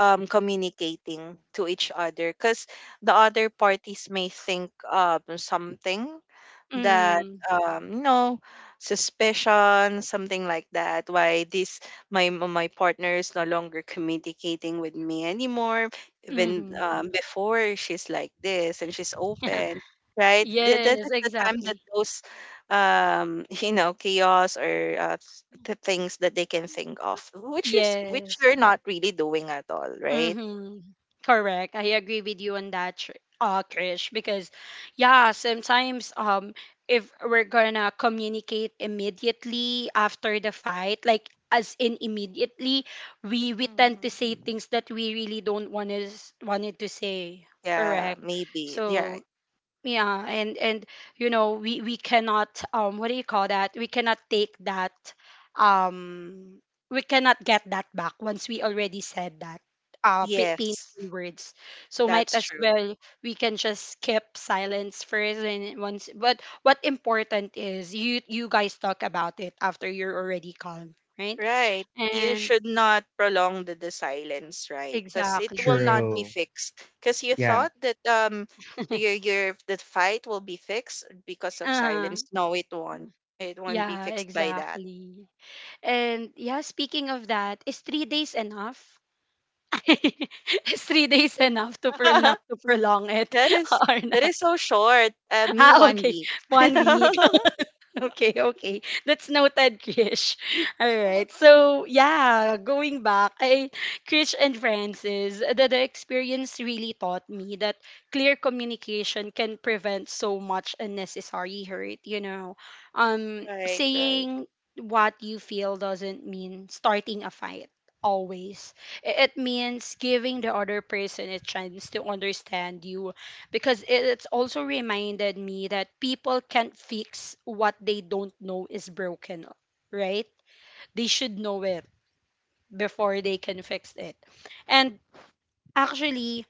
C: um, communicating to each other. Because the other parties may think um, something that
A: Mm-hmm.
C: um you know suspicion, something like that. Why this, my my partner is no longer communicating with me anymore, even
A: Mm-hmm.
C: um, before she's like this and she's open, right? Th- that
A: Yes,
C: is the time that
A: exactly.
C: those um you know, chaos or uh, th- the things that they can think of, which is which
A: Yes.
C: you're not really doing at all, right?
A: Mm-hmm. Correct. I agree with you on that, Tr- uh, Krish, because yeah, sometimes um if we're gonna communicate immediately after the fight, like as in immediately, we we tend to say
C: Hmm.
A: things that we really don't want to wanted to say.
C: Yeah,
A: Correct.
C: maybe. Yeah.
A: So yeah, and and you know, we we cannot um what do you call that, we cannot take that um we cannot get that back once we already said that uh pa-
C: Yes,
A: painful words, so might
C: that's
A: as
C: true.
A: well we can just keep silence first and once, but what important is you, you guys talk about it after you're already calm, right?
C: Right. You
A: And
C: should not prolong the, the silence, right? Because it will
A: exactly.
C: not be
B: True.
C: fixed. Because you
B: Yeah.
C: thought that um your your the fight will be fixed because of
A: uh
C: silence. No, it won't. It won't be
A: yeah,
C: fixed by that.
A: exactly. And yeah, speaking of that, is three days enough? Is three days enough to pro- not to prolong it
C: That is,
A: or
C: that
A: no?
C: is so short. Uh, me
A: Ah,
C: one
A: okay,
C: week. Right,
A: one week. Okay, okay. That's noted, Krish. All right. So yeah, going back, I, Krish and Francis, the, the experience really taught me that clear communication can prevent so much unnecessary hurt, you know. Um,
C: right.
A: saying what you feel doesn't mean starting a fight always. I- It means giving the other person a chance to understand you, because it- it's also reminded me that people can't fix what they don't know is broken, right? They should know it before they can fix it. And actually,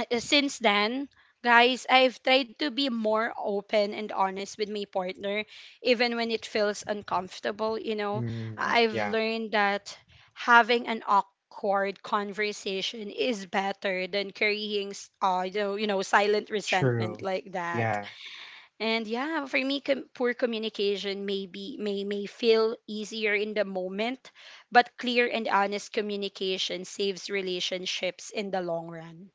A: uh, since then, guys, I've tried to be more open and honest with my partner, even when it feels uncomfortable. You know,
B: Mm,
A: I- I've
B: yeah.
A: learned that having an awkward conversation is better than carrying, s- uh, you know, you know, silent resentment
B: True.
A: like that.
B: Yeah.
A: And yeah, for me, com- poor communication may be, may may feel easier in the moment, but clear and honest communication saves relationships in the long run.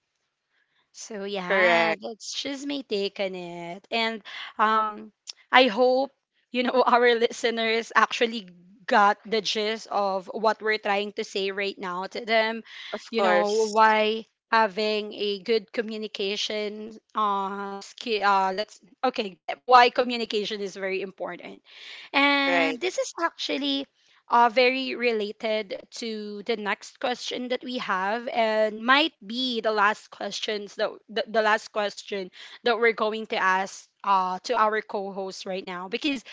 A: So yeah,
C: Correct.
A: that's just my take on it. And um I hope, you know, our listeners actually got the gist of what we're trying to say right now to them,
C: Of
A: you know,
C: course.
A: why having a good communication uh skill uh let's, okay, eh, why communication is very important. And
C: Right.
A: this is actually uh, very related to the next question that we have, and might be the last questions, that the, the last question that we're going to ask uh, to our co-host right now, because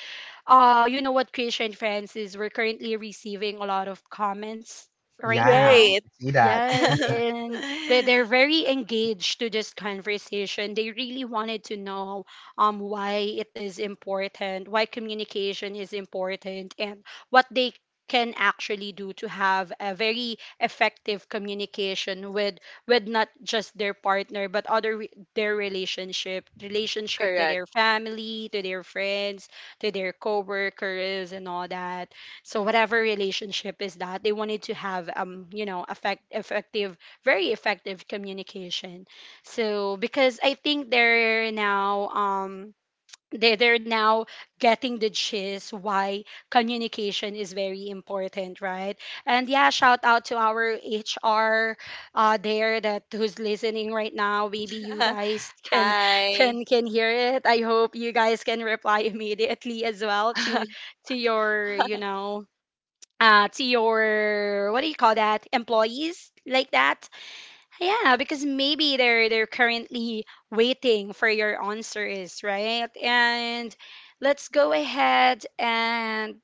A: uh, you know what, Krisha and Francis, we're currently receiving a lot of comments right
B: Yeah. I can
A: now.
C: Right.
B: see that
A: Yes, and they, they're very engaged to this conversation. They really wanted to know um why it is important, why communication is important, and what they can actually do to have a very effective communication with with not just their partner but other re- their relationship, relationship to
C: Correct.
A: their family, to their friends, to their coworkers and all that. So whatever relationship is that, they wanted to have, um, you know, effect, effective, very effective communication. So because I think they're now um they, they're now getting the gist why communication is very important, right? And yeah, shout out to our HR uh there, that, who's listening right now, maybe you guys can,
C: Hi.
A: can can hear it. I hope you guys can reply immediately as well to to your, you know, uh to your what do you call that employees like that. Yeah, because maybe they're they're currently waiting for your answers, right? And let's go ahead and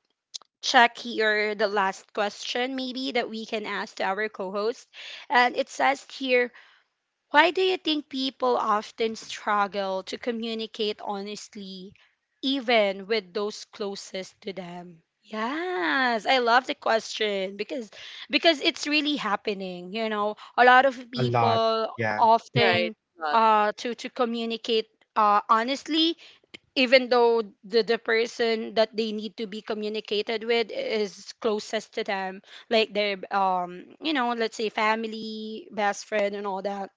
A: check here the last question maybe that we can ask to our co-host. And it says here, why do you think people often struggle to communicate honestly, even with those closest to them? Yes, I love the question because because it's really happening. You know, a lot of
B: a lot.
A: people
B: Yeah.
C: Right.
A: often
C: Not.
A: uh to to communicate uh honestly, even though the the person that they need to be communicated with is closest to them, like their, um, you know, let's say, family, best friend, and all that.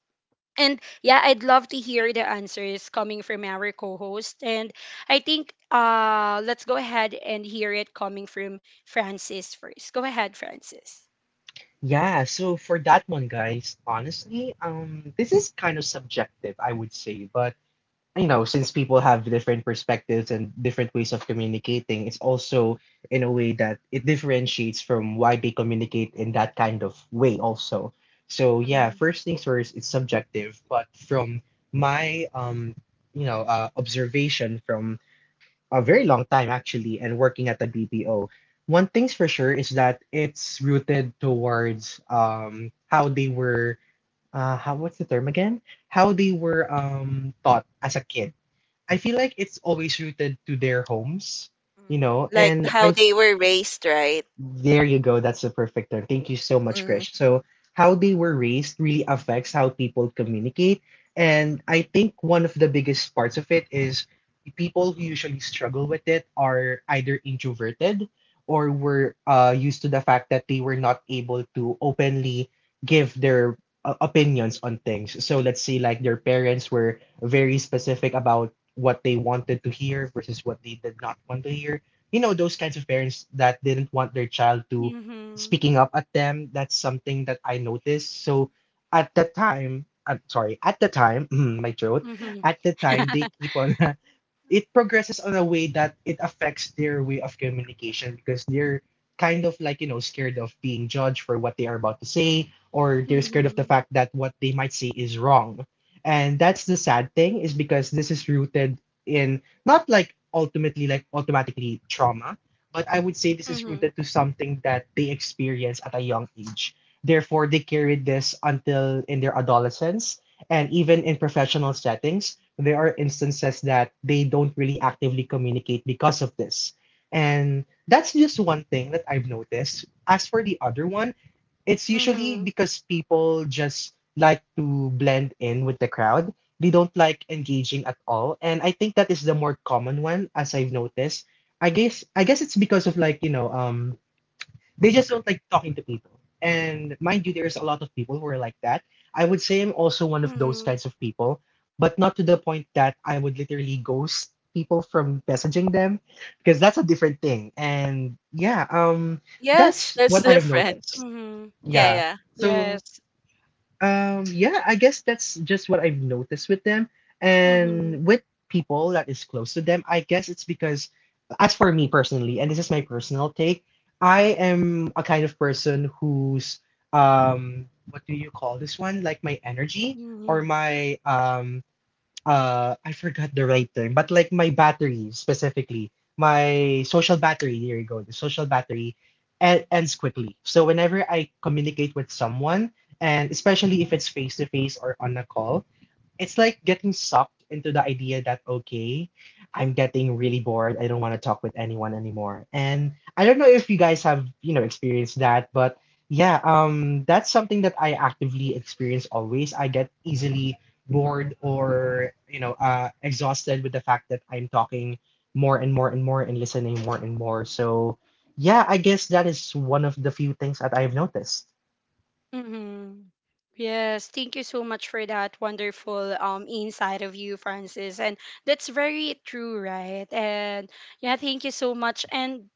A: And yeah, I'd love to hear the answers coming from our co-host. And I think uh let's go ahead and hear it coming from Francis first. Go ahead, Francis.
B: Yeah. So for that one, guys, honestly, um, this is kind of subjective, I would say, but you know, since people have different perspectives and different ways of communicating, it's also in a way that it differentiates from why they communicate in that kind of way, also. So, yeah,
A: Mm-hmm.
B: first things first, it's subjective, but from my, um, you know, uh, observation from a very long time actually and working at the B P O, one thing's for sure is that it's rooted towards um, how they were, uh, how, what's the term again? How they were um, taught as a kid. I feel like it's always rooted to their homes, you
C: Hmm.
B: know,
C: Like
B: and
C: how
B: I
C: they were raised, right?
B: There you go. That's the perfect term. Thank you so much,
C: Hmm.
B: Krish. So, how they were raised really affects how people communicate. And I think one of the biggest parts of it is people who usually struggle with it are either introverted or were uh, used to the fact that they were not able to openly give their uh, opinions on things. So, let's say like their parents were very specific about what they wanted to hear versus what they did not want to hear, you know, those kinds of parents that didn't want their child to speaking up at them. That's something that I noticed. So at the time, I'm sorry, at the time my throat,
A: Mm-hmm.
B: at the time they keep on it progresses on a way that it affects their way of communication because they're kind of like, you know, scared of being judged for what they are about to say, or they're scared of the
A: Hmm.
B: fact that what they might say is wrong. And that's the sad thing, is because this is rooted in not like ultimately like automatically trauma, but I would say this is
A: Hmm.
B: rooted to something that they experience at a young age. Therefore they carry this until in their adolescence and even in professional settings. There are instances that they don't really actively communicate because of this. And that's just one thing that I've noticed. As for the other one, it's usually
A: Hmm.
B: because people just like to blend in with the crowd. They don't like engaging at all. And I think that is the more common one as I've noticed. I guess I guess it's because of like, you know, um they just don't like talking to people. And mind you, there's a lot of people who are like that. I would say I'm also one of those kinds of people, but not to the point that I would literally ghost people from messaging them because that's a different thing. And yeah, um,
C: Yes,
B: that's what
C: that's
B: I have
C: different.
B: noticed.
A: Hmm.
C: Yeah,
B: Yeah.
C: yeah.
B: So
A: Yes.
B: um, yeah, I guess that's just what I've noticed with them.
A: Mm-hmm.
B: And with people that is close to them, I guess it's because, as for me personally, and this is my personal take, I am a kind of person who's, um, what do you call this one? Like my energy or my um, uh I forgot the right term, but like my battery specifically, my social battery, there you go, the social battery e- ends quickly. So whenever I communicate with someone, and especially if it's face to face or on a call, it's like getting sucked into the idea that okay, I'm getting really bored. I don't want to talk with anyone anymore. And I don't know if you guys have, you know, experienced that, but yeah, um that's something that I actively experience always. I get easily bored or, you know, uh exhausted with the fact that I'm talking more and more and more and listening more and more. So yeah, I guess that is one of the few things that I've noticed.
A: Mm-hmm. Yes, thank you so much for that wonderful, um, insight of you, Francis. And that's very true, right? And yeah, thank you so much. And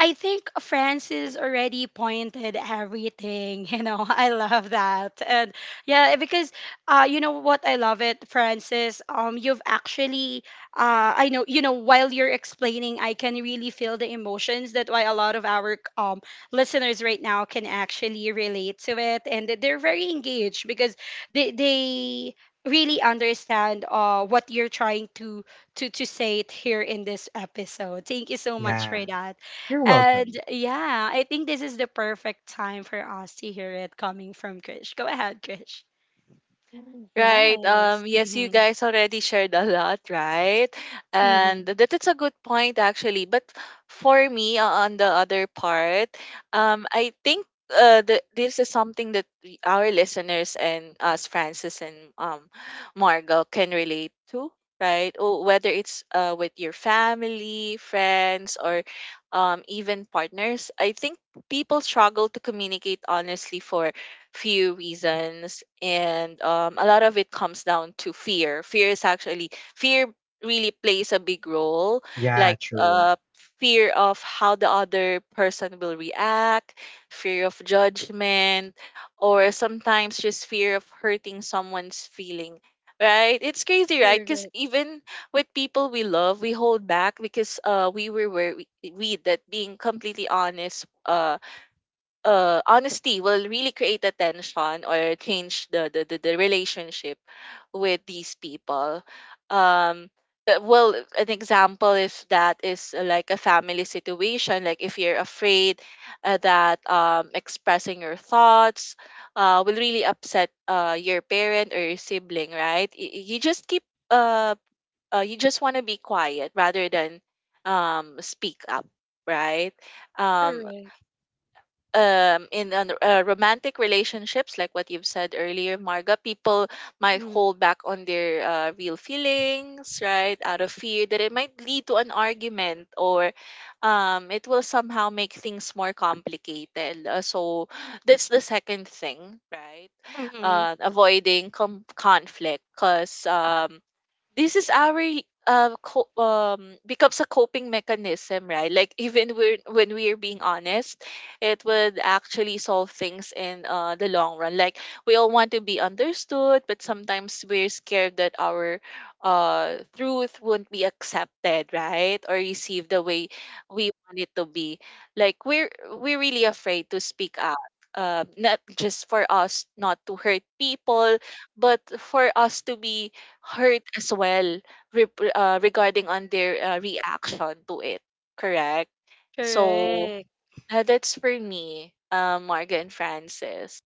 A: I think Francis already pointed everything. You know, I love that, and yeah, because, uh, you know what, I love it, Francis. Um, you've actually, uh, I know, you know, while you're explaining, I can really feel the emotions. That why a lot of our, um, listeners right now can actually relate to it, and that they're very engaged because they they really understand, uh, what you're trying to, to to say it here in this episode. Thank you so much for
B: Yeah.
A: that.
B: You're
A: And
B: welcome.
A: yeah, I think this is the perfect time for us to hear it coming from Krish. Go ahead, Krish.
C: Right.
A: Yes.
C: Um, yes, you
A: Mm-hmm.
C: guys already shared a lot, right? And
A: Mm-hmm.
C: that is a good point, actually. But for me, uh, on the other part, um, I think uh, the, this is something that we- our listeners and us, Francis and um, Margot, can relate to, right? Oh, whether it's uh, with your family, friends, or um, even partners, I think people struggle to communicate honestly for few reasons, and um, a lot of it comes down to fear. Fear is actually fear really plays a big role, like
B: Yeah,
C: uh
B: true.
C: fear of how the other person will react, fear of judgment, or sometimes just fear of hurting someone's feeling, right? It's crazy, right?
A: Correct.
C: Because even with people we love, we hold back because uh we were where we, we that being completely honest, uh uh, honesty will really create a tension or change the the, the, the relationship with these people. Um, uh, well, an example if that is uh, like a family situation, like if you're afraid uh, that um, expressing your thoughts uh, will really upset uh, your parent or your sibling, right? Y- y- you just keep uh, uh you just want to be quiet rather than um speak up, right? um
A: Correct.
C: um in an, uh, romantic relationships, like what you've said earlier, Marga, people might hold back on their uh, real feelings, right, out of fear that it might lead to an argument, or um it will somehow make things more complicated. Uh, so that's the second thing, right?
A: Mm-hmm.
C: uh, avoiding com- conflict because um this is our uh, co- um becomes a coping mechanism, right? Like, even we're, when we're being honest, it would actually solve things in uh, the long run. Like, we all want to be understood, but sometimes we're scared that our uh, truth won't be accepted, right, or received the way we want it to be. Like, we're we're really afraid to speak out. Uh, not just for us not to hurt people, but for us to be hurt as well, rep- uh, regarding on their uh, reaction to it. Correct. So
A: Correct.
C: uh, that's for me, um, Morgan, Francis.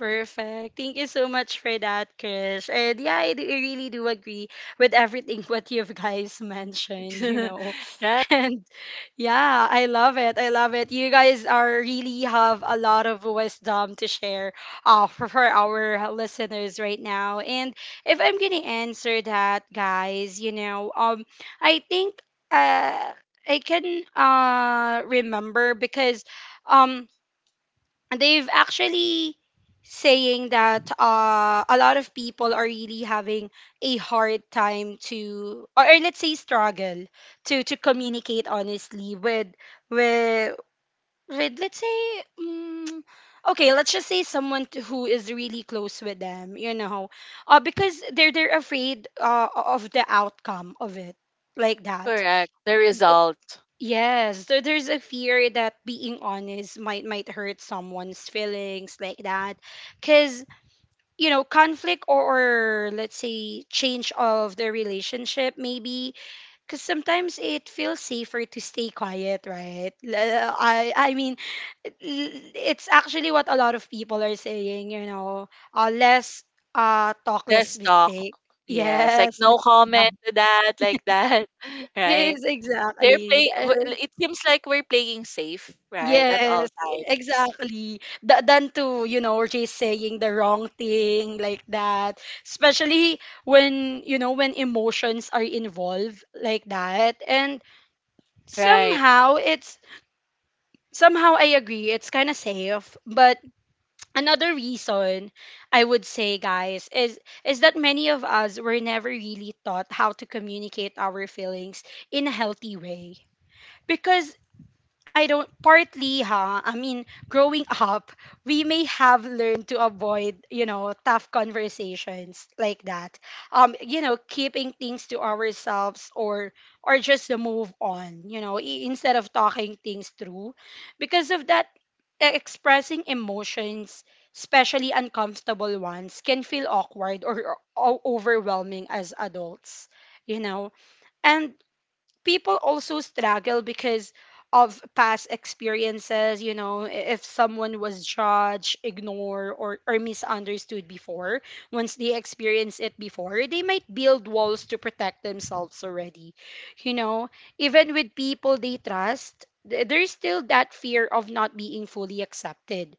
A: Perfect. Thank you so much for that, Krish. And yeah, I, do, I really do agree with everything what you've guys mentioned, you know.
C: Right?
A: And yeah, I love it. I love it. You guys are really have a lot of wisdom to share, uh, for, for our listeners right now. And if I'm gonna answer that, guys, you know, um, I think uh, I can uh remember because um they've actually saying that uh, a lot of people are really having a hard time to or, or let's say struggle to to communicate honestly with with with let's say um, okay, let's just say someone to, who is really close with them you know uh, because they're they're afraid uh, of the outcome of it, like that.
C: Correct. The result.
A: Yes, so there's a fear that being honest might might hurt someone's feelings, like that. Cause, you know, conflict or, or let's say change of the relationship maybe. Cause sometimes it feels safer to stay quiet, right? L- uh, I I mean l- it's actually what a lot of people are saying, you know, uh, less uh talk, less
C: Let's talk.
A: mistake.
C: Yes, like
A: Yes, like
C: no
A: that.
C: comment to that, like that, right?
A: Yes,
C: They're
A: exactly.
C: play. w- It seems like we're playing safe, right, at all
A: Yes,
C: times.
A: exactly. Th- than to, you know, just saying the wrong thing, like that. Especially when, you know, when emotions are involved, like that. And
C: Right.
A: somehow it's, Somehow I agree, it's kind of safe. But another reason I would say, guys, is is that many of us were never really taught how to communicate our feelings in a healthy way. Because I don't partly ha I mean, growing up, we may have learned to avoid, you know, tough conversations, like that, um you know, keeping things to ourselves, or or just to move on, you know, i- instead of talking things through. Because of that, e- expressing emotions, especially uncomfortable ones, can feel awkward or, or overwhelming as adults, you know. And people also struggle because of past experiences. You know, i- if someone was judged, ignored, or, or misunderstood before, once they experience it before, they might build walls to protect themselves already, you know. Even with people they trust, th- there's still that fear of not being fully accepted.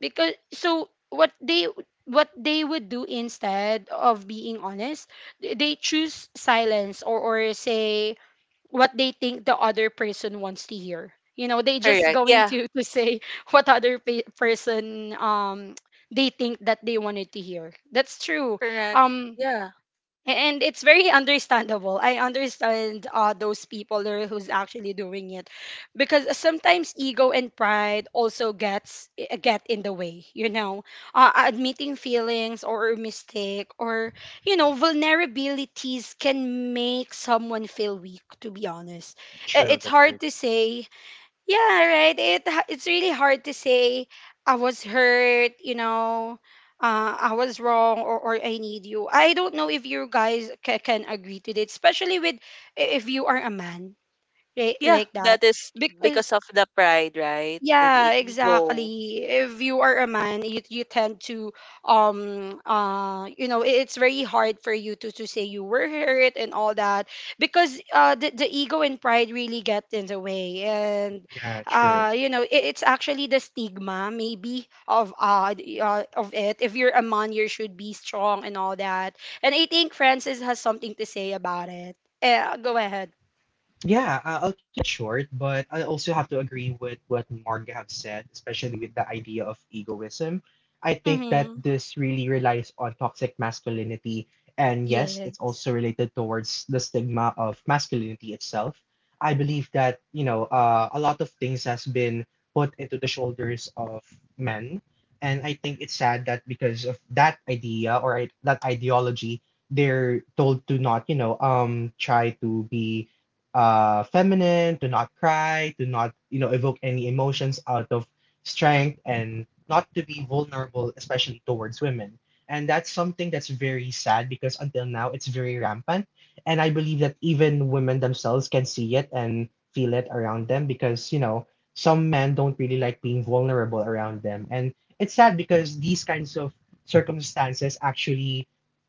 A: Because so what they, what they would do instead of being honest, they they choose silence, or or say what they think the other person wants to hear. You know, they just
C: Correct.
A: going
C: Yeah.
A: to to say what other pe- person um they think that they wanted to hear. That's true.
C: Correct.
A: Um
C: Yeah.
A: and it's very understandable. I understand uh, those people there who's actually doing it, because sometimes ego and pride also gets eh, get in the way, you know. Uh, admitting feelings or a mistake, or you know, vulnerabilities can make someone feel weak, to be honest. I-
B: True,
A: It's
B: that's
A: hard
B: very
A: to say, yeah, right. It ha- it's really hard to say I was hurt, you know, uh, I was wrong or, or I need you. I don't know if you guys ca- can agree to that, especially with i- if you are a man, right?
C: Yeah.
A: Like that.
C: That is
A: Because
C: because of the pride, right? The,
A: yeah,
C: the ego.
A: exactly. If you are a man, you you tend to um uh you know, i- it's very hard for you to to say you were hurt and all that, because uh the, the ego and pride really get in the way. And
B: Yeah,
A: uh
B: true.
A: you know, it, it's actually the stigma maybe of uh, the- uh of it. If you're a man, you should be strong and all that. And I think Francis has something to say about it. Uh, go ahead.
B: Yeah, I- I'll keep it short, but I also have to agree with what Marga have said, especially with the idea of egoism. I think that
A: Mm-hmm.
B: this really relies on toxic masculinity, and yes, it's
A: Yes.
B: also related towards the stigma of masculinity itself. I believe that, you know, uh, a lot of things has been put into the shoulders of men, and I think it's sad that because of that idea or i- that ideology, they're told to not, you know, um, try to be uh, feminine, to not cry, to not, you know, evoke any emotions out of strength and not to be vulnerable, especially towards women. And that's something that's very sad because until now it's very rampant. And I believe that even women themselves can see it and feel it around them because, you know, some men don't really like being vulnerable around them. And it's sad because these kinds of circumstances actually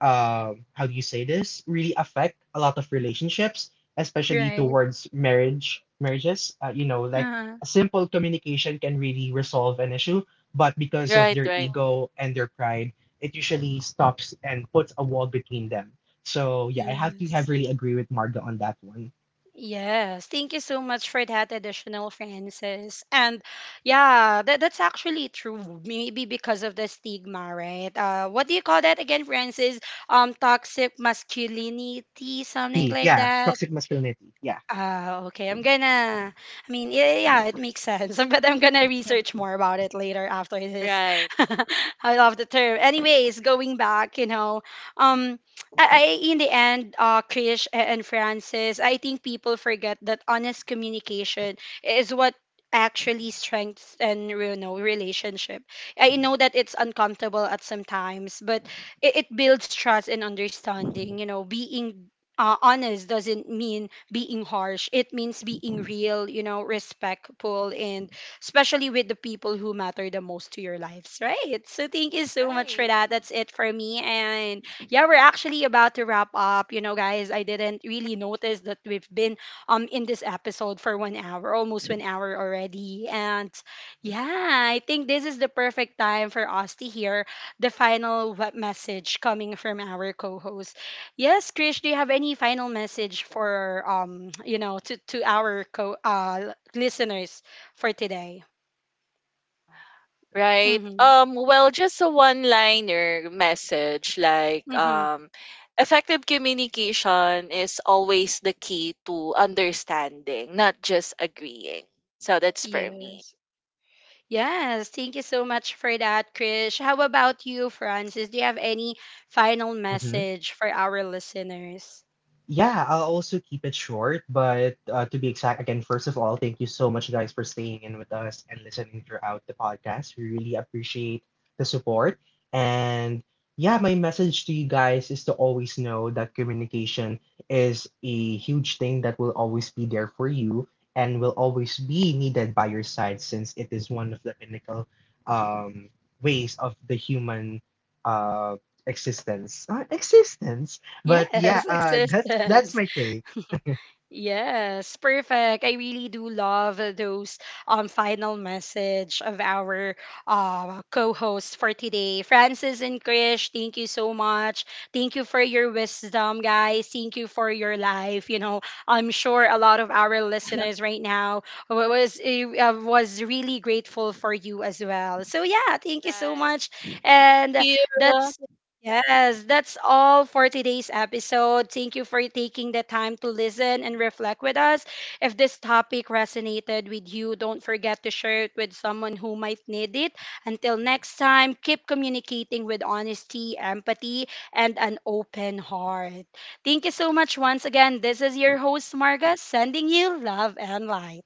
B: um how do you say this, really affect a lot of relationships, especially
A: Right.
B: towards marriage marriages, uh, you know, like
A: Uh,
B: a simple communication can really resolve an issue, but because of
C: Right.
B: their
C: Right.
B: ego and their pride it usually stops and puts a wall between them. So yeah, I have to have
A: yes.
B: really agree with Marga on that one.
A: Yes, thank you so much for that additional, Francis. And yeah, that, that's actually true. Maybe because of the stigma, right? Uh, what do you call that again, Francis? Um, toxic masculinity,
B: T
A: something like
B: Yeah,
A: that.
B: toxic masculinity, yeah.
A: Ah, okay. I'm gonna. I mean, yeah, yeah, yeah, it makes sense. But I'm gonna research more about it later after this.
C: Right.
A: I love the term. Anyways, going back, you know, um, I, I in the end, uh, Krish a- and Francis, I think people forget that honest communication is what actually strengths and you know relationship. I know that it's uncomfortable at some times, but it, it builds trust and understanding. You know, being uh, honest doesn't mean being harsh. It means being real, you know, respectful, and especially with the people who matter the most to your lives, right? So thank you so much for
C: Right.
A: that. That's it for me. And yeah, we're actually about to wrap up. You know, guys, I didn't really notice that we've been um in this episode for one hour, almost one hour already. And yeah, I think this is the perfect time for us to hear the final web message coming from our co-host. Yes, Krish, do you have any final message for um, you know, to to our co uh listeners for today?
C: Right.
A: Mhm.
C: Um, well, just a one-liner message like
A: Mhm.
C: um effective communication is always the key to understanding, not just agreeing. So that's for me.
A: Yes. Yes, thank you so much for that, Krish. How about you, Francis? Do you have any final
B: Mm-hmm.
A: message for our listeners?
B: Yeah, I'll also keep it short, but uh, to be exact, again, first of all, thank you so much, guys, for staying in with us and listening throughout the podcast. We really appreciate the support. And yeah, my message to you guys is to always know that communication is a huge thing that will always be there for you and will always be needed by your side since it is one of the pinnacle um, ways of the human uh, existence. Uh, existence? But
A: Yes,
B: yeah, uh, that's that's
A: existence.
B: my take.
A: Yes, perfect. I really do love those um final message of our uh co-hosts for today. Francis and Krish, thank you so much. Thank you for your wisdom, guys. Thank you for your life. You know, I'm sure a lot of our listeners right now wa- was eh, uh, was really grateful for you as well. So yeah, thank you so
C: Right.
A: much.
C: Thank
A: And
C: you.
A: that's Yes, that's all for today's episode. Thank you for taking the time to listen and reflect with us. If this topic resonated with you, don't forget to share it with someone who might need it. Until next time, keep communicating with honesty, empathy, and an open heart. Thank you so much once again. This is your host, Marga, sending you love and light.